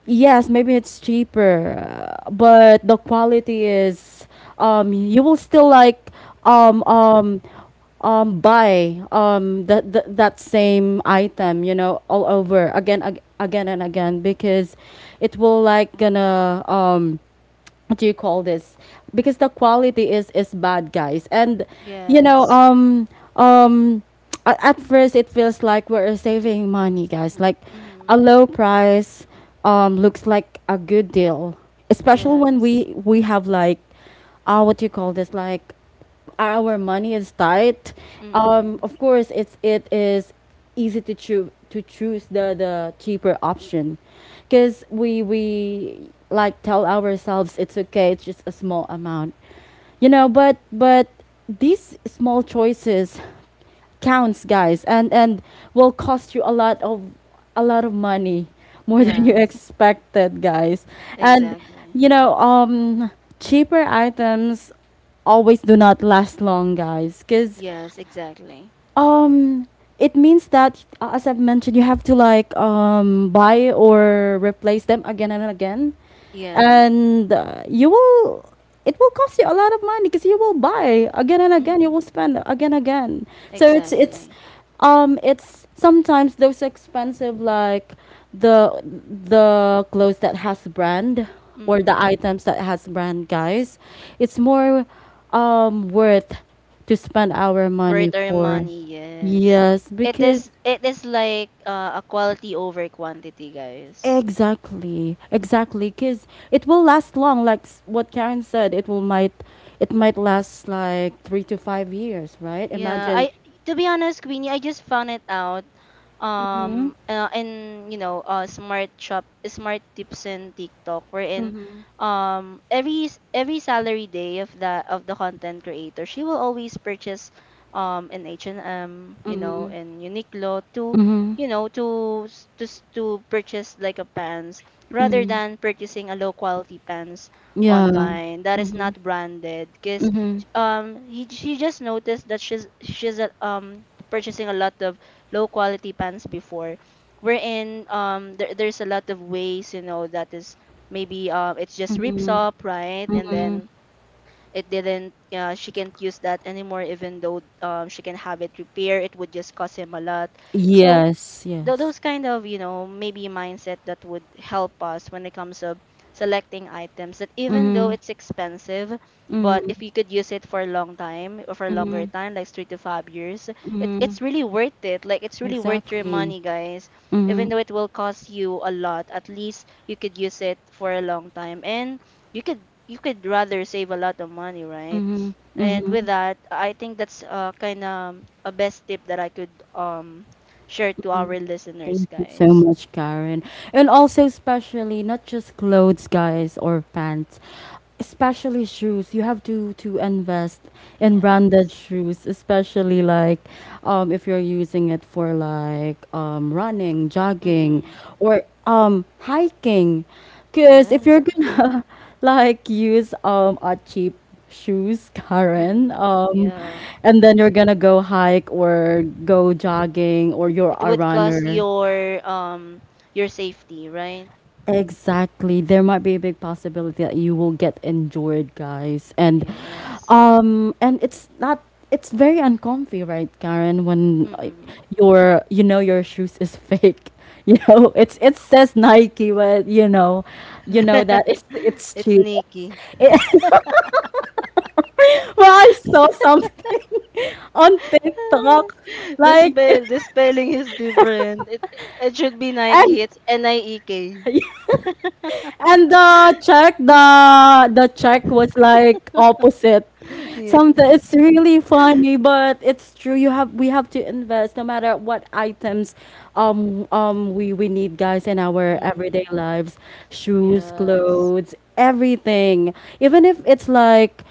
S1: yes, maybe it's cheaper, uh, but the quality is um you will still like um um um buy um that that that same item, you know, all over again, ag- again and again, because it will like gonna um what do you call this, because the quality is is bad, guys. And you know,
S2: Yes.
S1: um um a- at first it feels like we're saving money, guys. Like a
S2: Mm-mm.
S1: low price um looks like a good deal, especially
S2: Yes.
S1: when we we have like, uh what do you call this, like our money is tight. um
S2: Mm-mm.
S1: of course it's it is easy to choose to choose the the cheaper option, because we we like tell ourselves it's okay, it's just a small amount. You know, but but these small choices counts, guys, and and will cost you a lot of a lot of money more than you
S2: Yes.
S1: expected, guys. And
S2: Exactly.
S1: you know, um, cheaper items always do not last long, guys, because,
S2: Yes. Exactly.
S1: um, it means that, uh, as I've mentioned, you have to like um, buy or replace them again and again,
S2: Yeah.
S1: and uh, you will. It will cost you a lot of money because you will buy again and
S2: Mm.
S1: again. You will spend again and again. So it's it's,
S2: Exactly.
S1: um, it's sometimes those expensive, like the the clothes that has brand, or the
S2: Mm.
S1: items that has brand, guys. It's more um worth to spend our
S2: Worth
S1: money
S2: their
S1: for.
S2: money, yes.
S1: Yes,
S2: It
S1: because
S2: is it is like, uh, a quality over quantity, guys.
S1: exactly, exactly, because it will last long. Like s- what Karen said, it will might, it might last like three to five years, right?
S2: Yeah,
S1: Imagine.
S2: I to be honest, Queenie, I just found it out.
S1: Mm-hmm.
S2: Um uh, and you know uh smart shop smart tips in TikTok wherein, um every s- every salary day of the of the content creator, she will always purchase, um an H and M, you know in Uniqlo, to
S1: Mm,
S2: you know to s- to s- to purchase like a pants, rather than purchasing a low quality pants
S1: yeah.
S2: online that is not branded, because,
S1: Mm-hmm.
S2: um he she just noticed that she's she's uh, um purchasing a lot of low quality pants before, wherein, um there, there's a lot of ways, you know, that is maybe, uh, it's just rips up, right. And then it didn't uh, she can't use that anymore, even though, um, she can have it repaired, it would just cost him a lot. So,
S1: Yes.
S2: tho-
S1: Yes.
S2: those kind of, you know maybe, mindset that would help us when it comes to selecting items, that even though
S1: Mm-hmm.
S2: it's expensive, but if you could use it for a long time, or for a longer
S1: Mm-hmm.
S2: time, like three to five years, it,
S1: Mm-hmm.
S2: it's really worth it, like it's really worth your
S1: Exactly.
S2: money, guys. Even
S1: Mm-hmm.
S2: though it will cost you a lot, at least you could use it for a long time, and you could, you could rather save a lot of money, right?
S1: Mm-hmm.
S2: And
S1: Mm-hmm.
S2: with that, I think that's, uh, kind of a best tip that I could, um share to our listeners,
S1: Thank you
S2: guys.
S1: so much, Karen. And also, especially not just clothes, guys, or pants. Especially shoes, you have to to invest in
S2: Yeah.
S1: branded shoes, especially like um if you're using it for like um running, jogging,
S2: Mm-mm.
S1: or um hiking. Because if
S2: Yeah.
S1: you're gonna like use um a cheap shoes, Karen,
S2: Mm-mm.
S1: um and then you're gonna go hike, or go jogging, or you're
S2: It
S1: a
S2: would cost
S1: runner.
S2: your, um your safety, right?
S1: Exactly. There might be a big possibility that you will get injured, guys. And
S2: Yeah.
S1: um and it's not, it's very uncomfy, right, Karen, when uh, your you know your shoes is fake. You know, it's it says Nike, but you know, you know that it's it's
S2: It's
S1: cheap.
S2: Nike.
S1: It's, it, well, I saw something on TikTok
S2: The
S1: like
S2: spell, the spelling is different. It, it should be
S1: and
S2: Nike. It's N I E K
S1: And the check, the the check was like opposite.
S2: Yeah.
S1: Sometimes it's really funny, but it's true. You have, we have to invest no matter what items, um um we we need, guys, in our everyday lives: shoes,
S2: Yes.
S1: clothes, everything. Even if it's like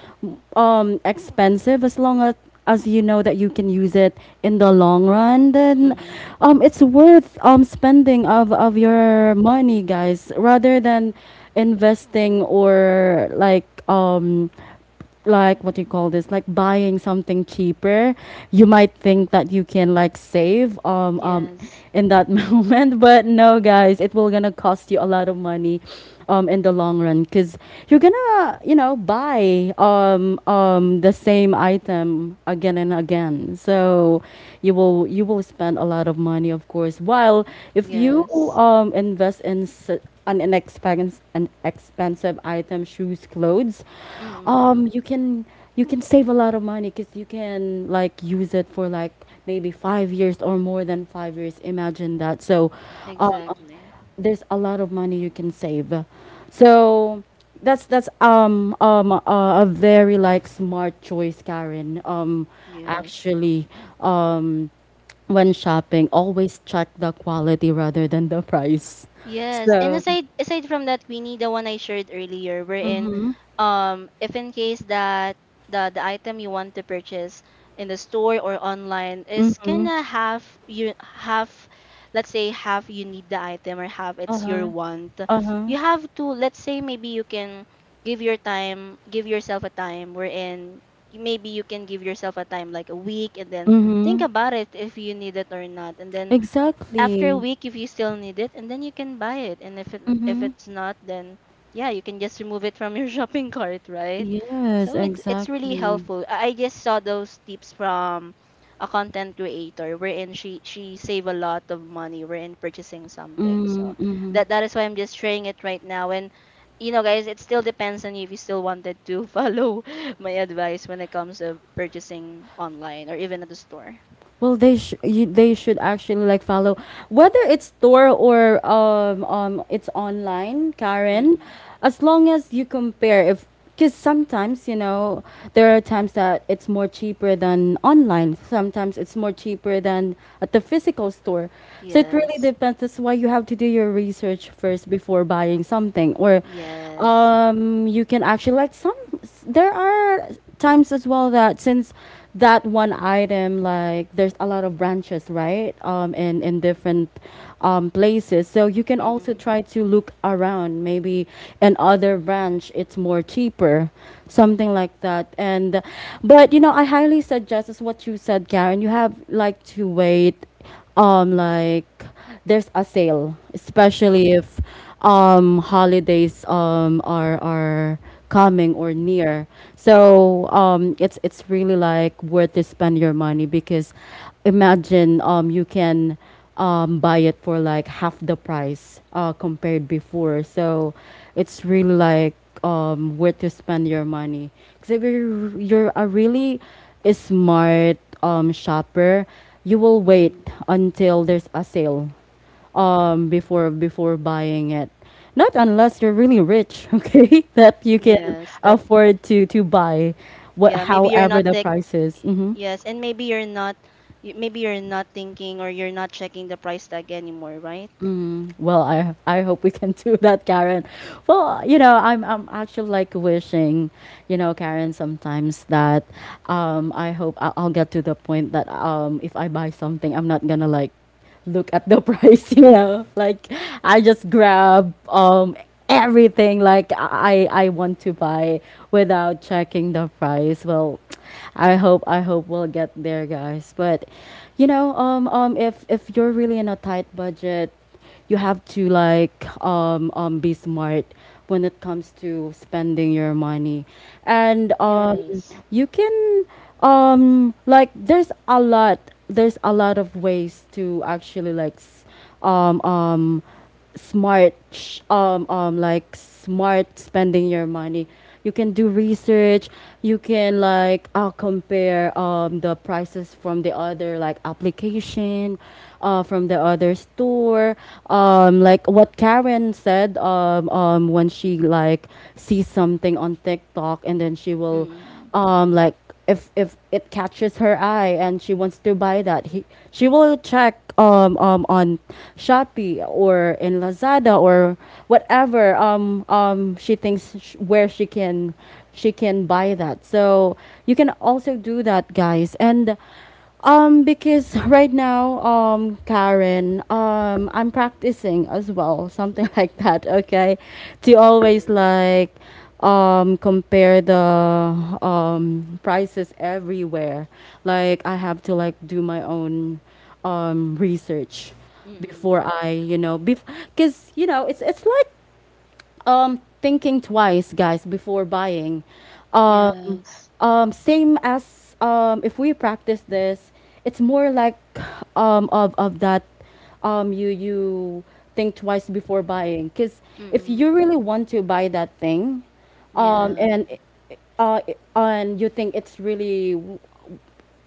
S1: um expensive, as long as as you know that you can use it in the long run, then
S2: Mm.
S1: um, it's worth um, spending of, of your money, guys, rather than investing or like um, like what do you call this, like buying something cheaper. You might think that you can like save, um,
S2: Yeah.
S1: um in that moment, but no, guys, it will gonna cost you a lot of money um in the long run, because you're gonna, you know, buy um um the same item again and again, so you will, you will spend a lot of money, of course, while if you
S2: Yes.
S1: um invest in s- an inexpensive, an expensive item, shoes, clothes,
S2: Mm.
S1: um, you can, you can save a lot of money because you can like use it for like maybe five years or more than five years. Imagine that. So, um, um,
S2: Exactly.
S1: there's a lot of money you can save. So that's that's um um a, a very like smart choice, Karen. Um,
S2: Yes.
S1: actually, um, when shopping, always check the quality rather than the price.
S2: Yes, and
S1: So.
S2: aside aside from that, Queenie, the one I shared earlier, wherein,
S1: Mhm.
S2: um if in case that the the item you want to purchase in the store or online, is
S1: Mhm.
S2: gonna have you have, let's say, half you need the item, or half
S1: Uh
S2: it's your
S1: huh.
S2: want.
S1: Uh huh.
S2: You have to, let's say, maybe you can give your time, give yourself a time, wherein, you, maybe you can give yourself a time, like a week, and then think
S1: Mhm.
S2: about it if you need it or not. And then after a
S1: Exactly.
S2: week, if you still need it, and then you can buy it. And if it if
S1: Mhm.
S2: it's not, then yeah, you can just remove it from your shopping cart, right?
S1: Yes,
S2: So it, it's really
S1: exactly.
S2: helpful. I I just saw those tips from a content creator wherein she she save a lot of money wherein purchasing something. So
S1: Mm, mhm.
S2: that that is why I'm just sharing it right now. And you know guys, it still depends on you if you still wanted to follow my advice when it comes to purchasing online or even at the store.
S1: Well, they sh- you, they should actually like follow whether it's store or um um it's online, Karen.
S2: Mm.
S1: As long as you compare, if, because sometimes, you know there are times that it's more cheaper than online. Sometimes it's more cheaper than at the physical store. So it
S2: Yes.
S1: really depends. That's why you have to do your research first before buying something, or
S2: Yes.
S1: um you can actually like some there are times as well that since that one item like there's a lot of branches, right? Um in in different um places, so you can also
S2: Mm-mm.
S1: try to look around. Maybe in other branch it's more cheaper, something like that. And But you know, I highly suggest is what you said, Karen, you have like to wait, um like there's a sale, especially
S2: Mm-mm.
S1: if um holidays um are are coming or near. So um it's it's really like worth to spend your money because imagine um you can um buy it for like half the price uh compared before. So it's really like um where to spend your money. Because if you're, you're a really smart um, shopper, you will wait
S2: Mm.
S1: until there's a sale, um, before before buying it. Not unless you're really rich, okay, that you can
S2: Yes. that
S1: afford to to buy what
S2: Yeah, maybe you're
S1: however
S2: not
S1: the
S2: tech
S1: price is. Mm-hmm.
S2: yes, and maybe you're not y- maybe you're not thinking, or you're not checking the price tag anymore, right?
S1: Mm, well, I I hope we can do that, Karen. Well, you know, I'm I'm actually like wishing, you know, Karen, sometimes that um, I hope I- I'll get to the point that um, if I buy something, I'm not gonna like look at the price, you know, like I just grab um, everything like I I want to buy without checking the price. Well, I hope I hope we'll get there, guys. But you know, um, um, if if you're really in a tight budget, you have to like um, um, be smart when it comes to spending your money, and um, you can um, like there's a lot there's a lot of ways to actually like s- um, um, smart, sh- um, um, like smart spending your money. You can do research. You can like uh, compare um, the prices from the other like application, uh, from the other store. Um, like what Karen said, um, um, when she like sees something on TikTok, and then she will
S2: Mm-mm.
S1: um, like if if it catches her eye and she wants to buy that he she will check um, um on Shopee or in Lazada or whatever um um she thinks sh- where she can she can buy that. So you can also do that, guys. And um, Because right now, um, Karen, um, I'm practicing as well, something like that. Okay, to always like um, compare the um prices everywhere. Like I have to like do my own um, research before
S2: Mm-mm.
S1: I, you know, because you know, it's it's like um thinking twice, guys, before buying, um
S2: Yes.
S1: um same as um if we practice this, it's more like um of of that, um you you think twice before buying. Because if you
S2: Mm-mm.
S1: really want to buy that thing, um
S2: Yeah.
S1: and uh, and you think it's really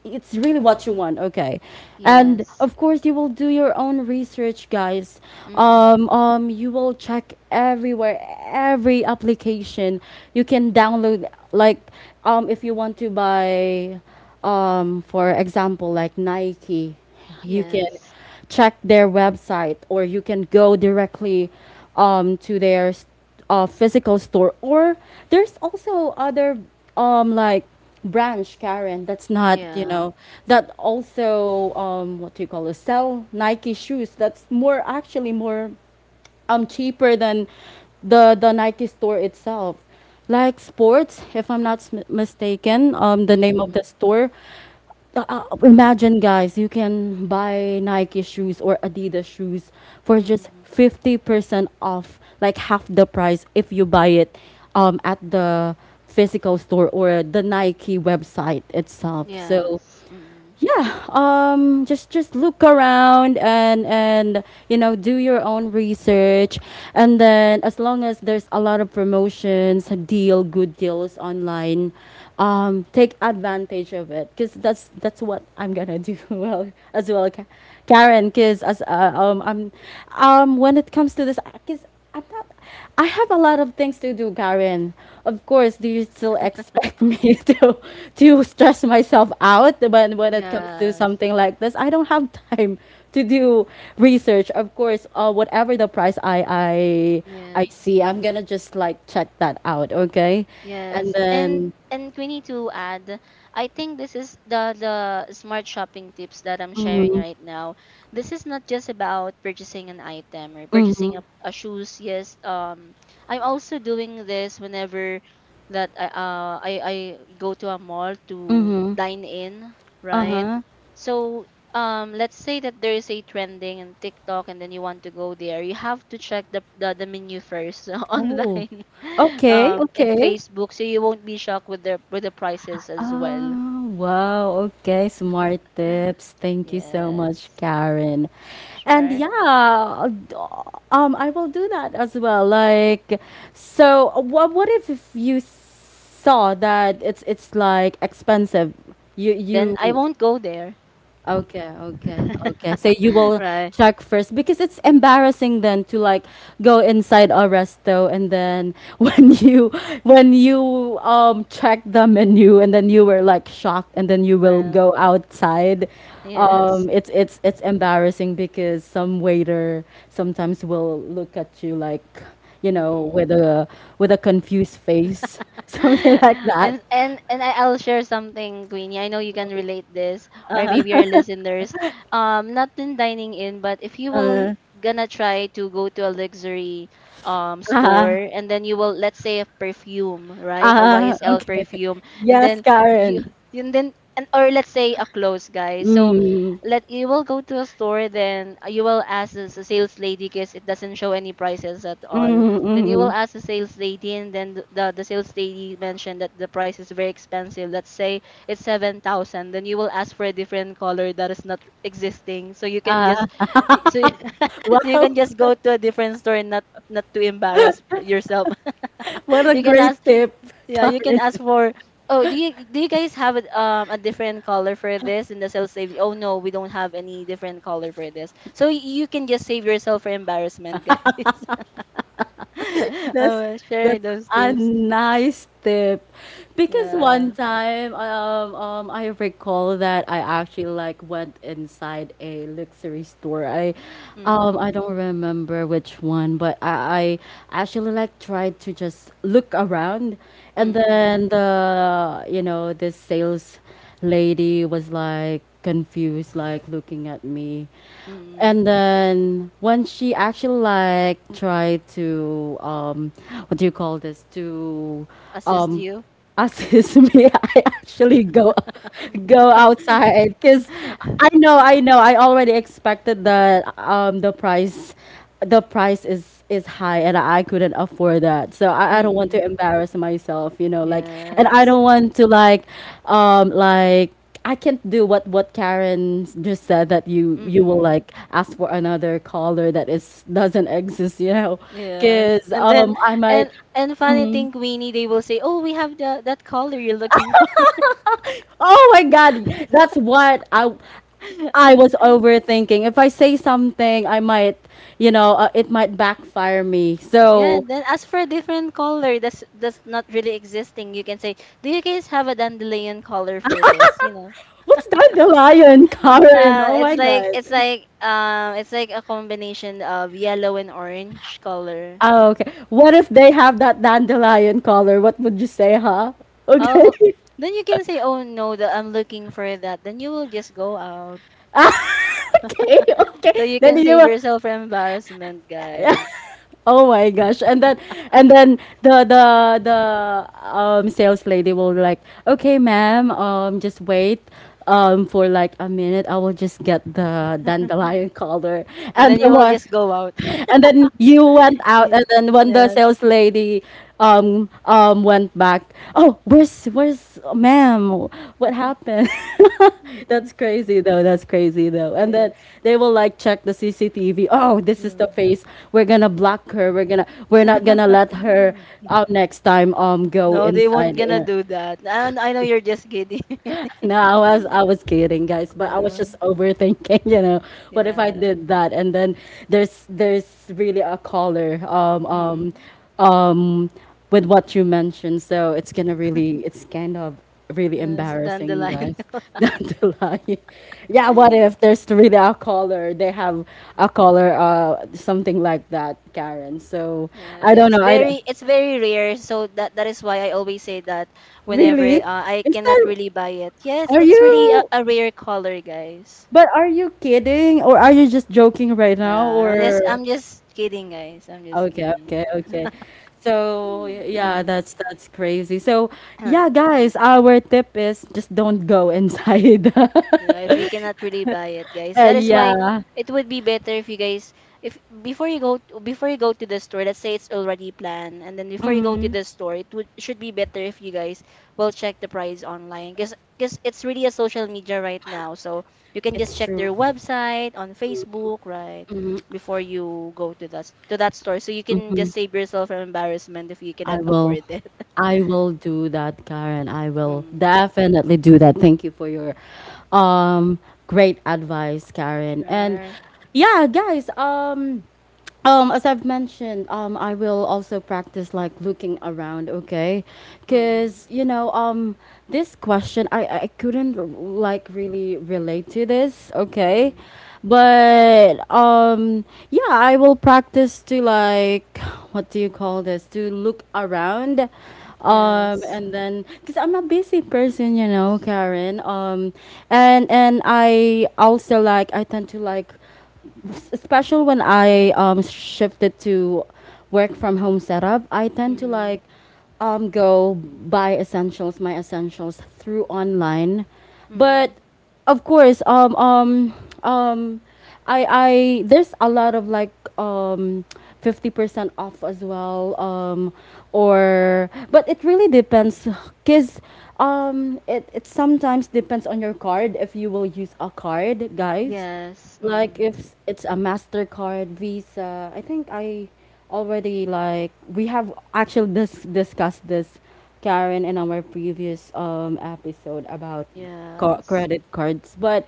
S1: it's really what you want, okay? And
S2: Yes.
S1: of course you will do your own research, guys. Um,
S2: Mm-mm.
S1: um, you will check everywhere, every application you can download. Like um, if you want to buy, um, for example, like Nike, you can
S2: Yes.
S1: check their website, or you can go directly um, to their uh, physical store. Or there's also other um like branch, Karen, that's not, you
S2: Yeah.
S1: know, that also, um what do you call it, sell Nike shoes that's more actually more um cheaper than the the Nike store itself. Like Sports, if I'm not s- mistaken, um the name of the store. Uh, uh, imagine, guys, you can buy Nike shoes or Adidas shoes for just
S2: Mm-mm.
S1: fifty percent off, like half the price, if you buy it um at the physical store or the Nike website itself. So
S2: Yes. Mm-mm.
S1: yeah, um just just look around and and you know, do your own research. And then as long as there's a lot of promotions, a deal, good deals online, um take advantage of it, because that's that's what I'm gonna do well, as well, Ka- karen. Because as uh, um I'm um when it comes to this, because I'm not, I have a lot of things to do, Karen. Of course, do you still expect me to to stress myself out when when it comes to
S2: Yes.
S1: something like this? I don't have time to do research. Of course, uh, whatever the price, I I I
S2: Yes.
S1: see, I'm gonna just like check that out, okay? And
S2: Yes, and
S1: then,
S2: and we need to add, I think this is the the smart shopping tips that I'm sharing right now. This is not just about purchasing an item, or purchasing a, a shoes. Yes, um, I'm also doing this whenever that I uh I, I go to a mall to dine in,
S1: uh
S2: right?
S1: huh.
S2: So, um, let's say that there is a trending in TikTok, and then you want to go there, you have to check the the, the menu first
S1: Oh,
S2: online
S1: okay,
S2: um, in
S1: okay.
S2: Facebook, so you won't be shocked with the with the prices as well.
S1: Ah, wow. Okay, smart tips. Thank you so
S2: Yes,
S1: much, Karen. And
S2: right.
S1: yeah, d- um, I will do that as well. Like, so what? What if if you saw that it's it's like expensive? You
S2: Then I
S1: you
S2: won't go there.
S1: okay, okay, okay. So you will
S2: Right.
S1: check first, because it's embarrassing then to like go inside a resto and then when you when you um check the menu, and then you were like shocked, and then you will go outside.
S2: Yes.
S1: Um it's it's it's embarrassing because some waiter sometimes will look at you like, you know,
S2: Mm-mm.
S1: with a with a confused face. Something like that.
S2: And, and and I- I'll share something, Queenie. I know you can relate this, or maybe your listeners. Um, not in dining in, but if you will
S1: Uh
S2: gonna try to go to a luxury, um store, and then you will, let's say, a perfume, right? A
S1: ah,
S2: Y S L
S1: okay.
S2: perfume. and
S1: Yes,
S2: then
S1: Karen.
S2: And then, and or let's say, a clothes, guy. So
S1: Mm,
S2: let you will go to a store, then, uh, you will ask the, s- sales lady, because it doesn't show any prices at all.
S1: mhm,
S2: Then you will
S1: mhm.
S2: ask the sales lady, and then th- the the sales lady mentioned that the price is very expensive. Let's say it's seven thousand. Then you will ask for a different color that is not existing, so you can just so you
S1: Wow,
S2: can just go to a different store, and not not to embarrass yourself.
S1: what a
S2: You can
S1: great
S2: ask
S1: tip,
S2: Yeah, you can
S1: Karen.
S2: ask for. Oh, do you do you guys have a, um a different color for this in the sales save? Oh no, we don't have any different color for this. So, y- you can just save yourself for embarrassment, guys.
S1: That's
S2: Oh, share
S1: that's
S2: those
S1: a
S2: tips.
S1: nice tip. Because
S2: Yeah.
S1: one time, um, um, I recall that I actually like went inside a luxury store. I, um,
S2: Mm,
S1: I don't remember which one, but I, I actually like tried to just look around. And
S2: mm,
S1: then the, you know, the sales lady was like confused, like looking at me.
S2: mm.
S1: And then when she actually like tried to um what do you call this to
S2: Assist
S1: um
S2: you.
S1: assist me, I actually go go outside, because I know I know I already expected that um the price the price is is high and I couldn't afford that. So I, I don't want to
S2: Mm,
S1: embarrass myself, you know, like, and
S2: yes.
S1: I don't want to like um like I can't do what what Karen just said, that you you will
S2: Mm,
S1: like ask for another color that is doesn't exist, you know,
S2: yes.
S1: cuz
S2: And then
S1: um I
S2: and
S1: might
S2: and funny
S1: hmm.
S2: thing, Queenie, they will say, "Oh, we have the that color you're looking for."
S1: Oh my God, that's what I I was overthinking. If I say something, I might, you know, uh, it might backfire me.
S2: Yeah,
S1: So
S2: and then ask for a different color. That's that's not really existing. You can say, "Do you guys have a dandelion color for this?" You know.
S1: what's dandelion Karen?
S2: Uh,
S1: Oh
S2: it's
S1: my
S2: like
S1: god.
S2: it's like um, it's like a combination of yellow and orange color.
S1: Oh, okay. What if they have that dandelion color? What would you say, huh?
S2: Oh,
S1: Okay.
S2: oh, then you can say, "Oh no, that I'm looking for that." Then you will just go out.
S1: Ah, okay, okay.
S2: So you
S1: Then
S2: can
S1: you
S2: save
S1: will-
S2: yourself from embarrassment, guys.
S1: Oh my gosh. And then and then the the the um sales lady will be like, "Okay, ma'am, um just wait um for like a minute. I will just get the dandelion color."
S2: And
S1: And
S2: then
S1: then
S2: you will
S1: what?
S2: just go out.
S1: And then you went out, and then when the
S2: Yes,
S1: sales lady um um went back, oh, where's where's ma'am, what happened? That's crazy though, that's crazy though. And
S2: yes.
S1: then they will like check the CCTV, oh, this is the face, we're gonna block her, we're gonna, we're not gonna let her um next time um go
S2: No, they won't
S1: inside
S2: gonna
S1: here.
S2: do that. And I know you're just kidding.
S1: No, I was I was kidding, guys, but I was
S2: Yeah.
S1: just overthinking, you know, what if I
S2: Yeah.
S1: did that? And then there's there's really a caller um
S2: Mm.
S1: um um with what you mentioned, so it's gonna really, it's kind of really
S2: Uh, so down the
S1: embarrassing,
S2: line.
S1: guys. Not to lie. Yeah, what if there's really a caller? They have a caller, uh, something like that, Karen. So
S2: Yeah,
S1: I don't
S2: it's
S1: know. I d-
S2: very it's very rare. So that that is why I always say that whenever
S1: really.
S2: uh, I
S1: Is
S2: cannot
S1: that,
S2: really buy it. Yes,
S1: are
S2: it's really a,
S1: you?
S2: a rare color, guys.
S1: But are you kidding or are you just joking right
S2: Uh,
S1: now?
S2: I'm just
S1: Or
S2: I'm just kidding, guys. I'm just
S1: okay,
S2: kidding.
S1: okay, okay. So
S2: Mm.
S1: y- yeah, that's that's crazy. So yeah,
S2: Um,
S1: guys, our tip is just don't go inside.
S2: Yeah, if you cannot really buy it, guys.
S1: Uh,
S2: That is why
S1: yeah,
S2: it would be better if you guys if before you go to, before you go to the store, let's say it's already planned, and then before you go to the store, it would should be better if you guys will check the price online because because it's really a social media right now. So you can just
S1: it's
S2: check
S1: true.
S2: their website on Facebook, right? Before you go to that to that store. So you can just save yourself from embarrassment if you
S1: I
S2: cannot
S1: will
S2: afford it.
S1: I will do that, Karen. I will
S2: Mm.
S1: definitely do that. Thank you for your um great advice, Karen. And
S2: Alright.
S1: yeah, guys, um Um, as I've mentioned, um, I will also practice like looking around, okay?
S2: Mm,
S1: Because, you know, um, this question, I, I couldn't like really relate to this,
S2: mm,
S1: okay?
S2: mm.
S1: But, um, yeah, I will practice to like, what do you call this, to look around. Um,
S2: Yes.
S1: and then, because I'm a busy person, you know, Karen. Um, and, and I also like, I tend to like, especially when I um, shifted to work from home setup, I tend to
S2: Mm,
S1: like um, go buy essentials, my essentials through online. But
S2: mm.
S1: of course, um, um, um, I, I there's a lot of like um, fifty percent off as well, um, or but it really depends, because um, it, it sometimes depends on your card, if you will use a card, guys,
S2: Yes.
S1: like
S2: Mm.
S1: if it's a Mastercard, Visa. I think I already like, we have actually dis- discussed this, Karen, in our previous um episode about co-
S2: Yes.
S1: credit cards. But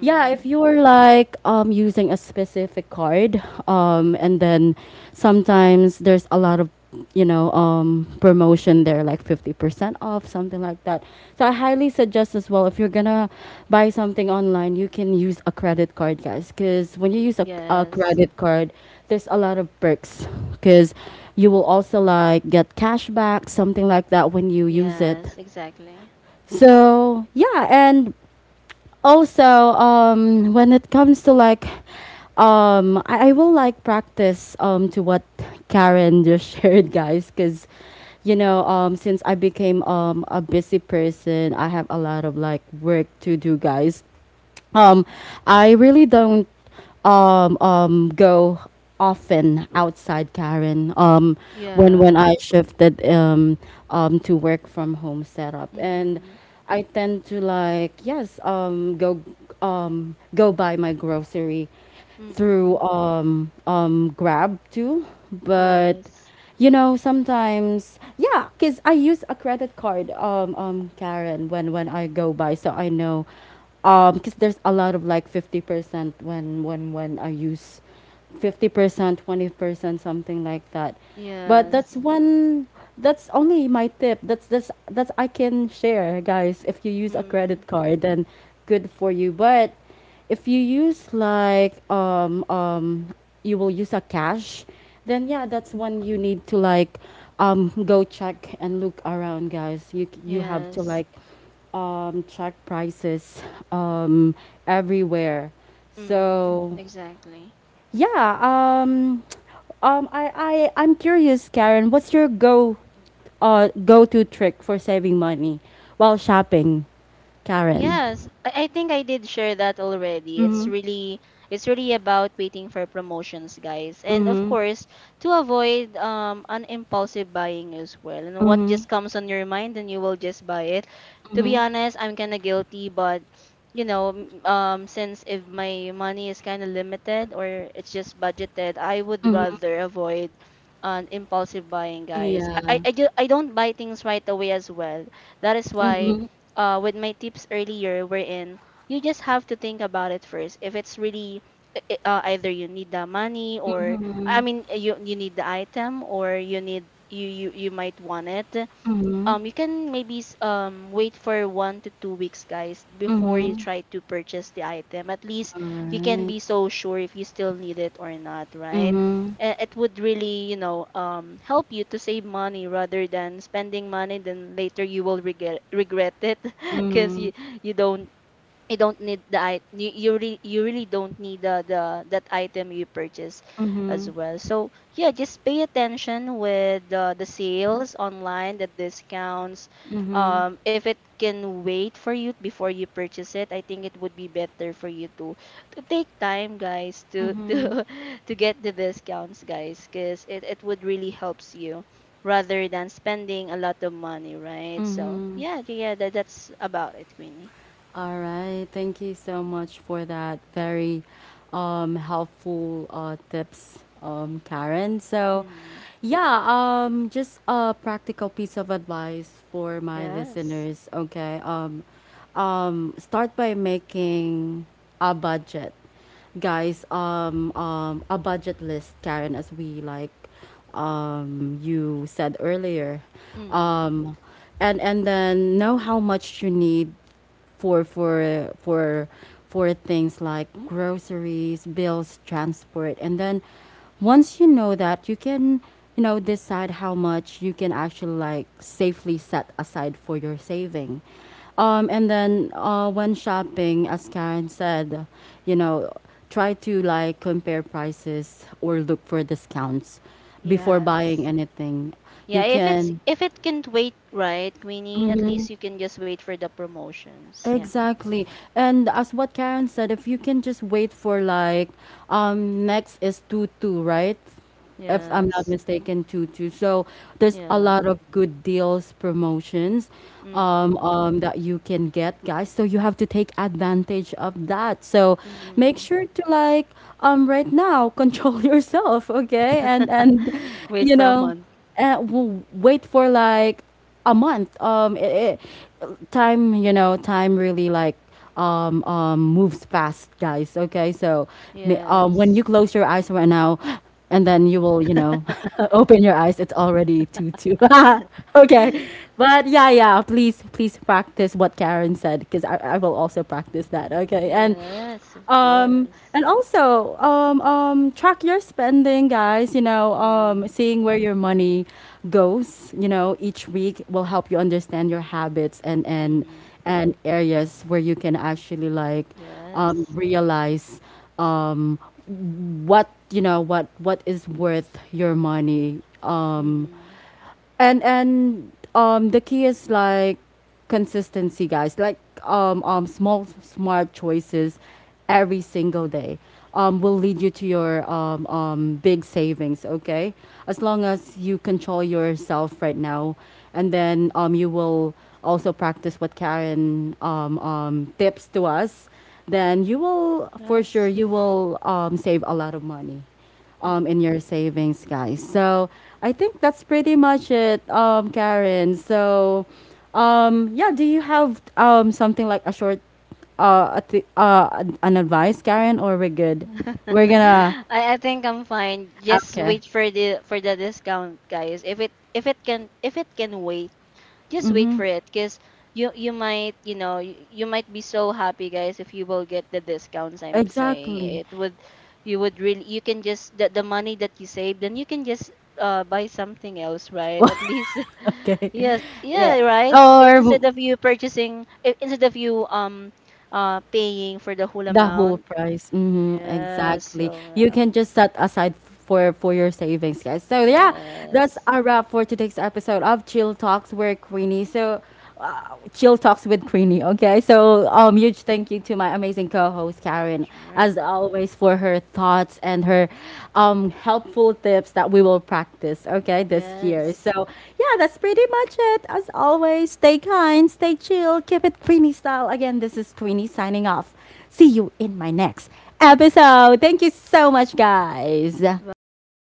S1: yeah, if you're like um, using a specific card, um, and then sometimes there's a lot of, you know, um, promotion there, like fifty percent off, something like that. So I highly suggest as well, if you're gonna buy something online, you can use a credit card, guys, because when you use a, a
S2: Yes.
S1: credit card, there's a lot of perks, because you will also like get cash back, something like that, when you use
S2: Yes.
S1: it.
S2: Exactly.
S1: So yeah, and also um when it comes to like um I, I will like practice um to what Karen just shared, guys, because you know, um since I became um a busy person, I have a lot of like work to do, guys. um, I really don't um, um, go often outside, Karen. Um, when
S2: Yeah.
S1: when I shifted um, um, to work from home setup, and
S2: Mm.
S1: I tend to like yes, um, go um, go buy my grocery through
S2: Mm.
S1: um um Grab too, but
S2: Yes.
S1: you know sometimes, yeah, cause I use a credit card um um Karen when when I go by, so I know um because there's a lot of like fifty percent when when when I use fifty percent, twenty percent, something like that. But that's
S2: Yes.
S1: one that's only my tip. That's that's that's I can share, guys. If you use a
S2: Mm.
S1: credit card, then good for you. But if you use like um um you will use a cash, then yeah, that's when you need to like um go check and look around, guys. You c- you have to
S2: Yes.
S1: like um check prices um everywhere.
S2: Mm.
S1: So
S2: Exactly.
S1: yeah. um um I I I'm curious, Karen, what's your go uh go-to trick for saving money while shopping, Karen?
S2: Yes, I I think I did share that already. It's
S1: Mm-hmm.
S2: really it's really about waiting for promotions, guys. And of
S1: Mm-hmm.
S2: course, to avoid um an impulsive buying as well. And what
S1: Mm-hmm.
S2: just comes on your mind, then you will just buy it. To be honest, I'm kind of guilty, but you know, m- um since if my money is kind of limited or it's just budgeted, I would rather avoid an impulsive buying, guys. I
S1: Yeah.
S2: I, I, ju- I don't buy things right away as well. That is why
S1: Mhm.
S2: uh, with my tips earlier, wherein you just have to think about it first. If it's really i- i- uh, either you need the money or I mean you you need the item or you need you you you might want it um you can maybe s- um wait for one to two weeks guys before you try to purchase the item. At least you can
S1: Alright.
S2: be so sure if you still need it or not, right?
S1: Mhm.
S2: A- it would really, you know, um help you to save money rather than spending money then later you will regret regret it because you
S1: Mhm.
S2: you don't you don't need the it you you really you really don't need the, the that item you purchase as
S1: Mhm.
S2: well. So yeah, just pay attention with the, the sales online, the discounts,
S1: Mhm.
S2: um if it can wait for you before you purchase it. I think it would be better for you to to take time, guys, to to to get the discounts, guys, because it, it would really helps you rather than spending a lot of money, right? So
S1: Mhm.
S2: yeah, yeah, that, that's about it, Queenie.
S1: All right. Thank you so much for that very um, helpful uh, tips, um, Karen. So, yeah, um, just a practical piece of advice for my
S2: Yes.
S1: listeners. Okay. Um, um, start by making a budget, guys. Um, um, a budget list, Karen, as we like um, you said earlier.
S2: Mm.
S1: Um, and and then know how much you need for for for for things like groceries, bills, transport, and then once you know that, you can you know decide how much you can actually like safely set aside for your saving. Um, and then uh, when shopping, as Karen said, you know, try to like compare prices or look for discounts before
S2: Yes.
S1: buying anything.
S2: Yeah,
S1: You
S2: if it's
S1: can.
S2: if it can't wait, right, Queenie, at least you can just wait for the promotions. Yeah.
S1: Exactly. And as what Karen said, if you can just wait for like um next is two two, right? If I'm not
S2: Yes.
S1: mistaken, two two. So there's a
S2: Yeah.
S1: lot of good deals, promotions um
S2: mm
S1: um that you can get, guys. So you have to take advantage of that. So
S2: mm.
S1: make sure to like um right now control yourself, okay? And and
S2: Wait
S1: you
S2: for a
S1: know,
S2: month.
S1: uh, w- wait for like a month. Um, it, it, time, you know, time really like um, um, moves fast, guys. Okay, so ma- um,
S2: Yes.
S1: when you close your eyes right now, and then you will, you know, open your eyes. It's already two two. Okay, but yeah, yeah. Please, please practice what Karen said because I, I will also practice that. Okay, and
S2: Yes, of
S1: um,
S2: course.
S1: and also, um, um, track your spending, guys. You know, um,
S2: mm
S1: seeing where your money goes, you know, each week will help you understand your habits, and and
S2: mm
S1: and areas where you can actually like um,
S2: Yes.
S1: realize um, what, you know what what is worth your money. Um,
S2: mm
S1: and and um The key is like consistency, guys. Like um um small smart choices every single day um will lead you to your um um big savings, okay? As long as you control yourself right now, and then um you will also practice what Karen um um tips to us, then you will for
S2: Yes.
S1: sure you will um save a lot of money um, in
S2: mm
S1: your savings, guys. So I think that's pretty much it, um, Karen. So, um, yeah, do you have um, something like a short, uh, a th- uh, an an advice, Karen, or we're good? We're gonna,
S2: I, I think I'm fine. Just
S1: okay,
S2: wait for the for the discount, guys. If it if it can if it can wait, just wait for it because you you might, you know, you, you might be so happy, guys, if you will get the discounts. I'm
S1: exactly.
S2: saying it would you would really you can just the, the money that you save then you can just uh, buy something else, right, at least.
S1: Okay,
S2: Yes,
S1: yeah.
S2: yeah, right. I-
S1: Or
S2: instead of you purchasing I- instead of you um uh paying for the whole
S1: the whole
S2: amount.
S1: price. Hmm,
S2: Yeah,
S1: exactly. You
S2: so
S1: can just set aside for for your savings, guys. So yeah,
S2: yeah,
S1: that's a wrap for today's episode of Chill Talks with Queenie. So uh, Chill Talks with Queenie. Okay. So um, huge thank you to my amazing co-host Karen,
S2: yeah. all
S1: as
S2: right.
S1: always, for her thoughts and her um helpful tips that we will practice. Okay, this
S2: Yes.
S1: year. So yeah, that's pretty much it. As always, stay kind, stay chill, keep it Queenie style. Again, this is Queenie signing off. See you in my next episode. Thank you so much, guys.
S2: Bye.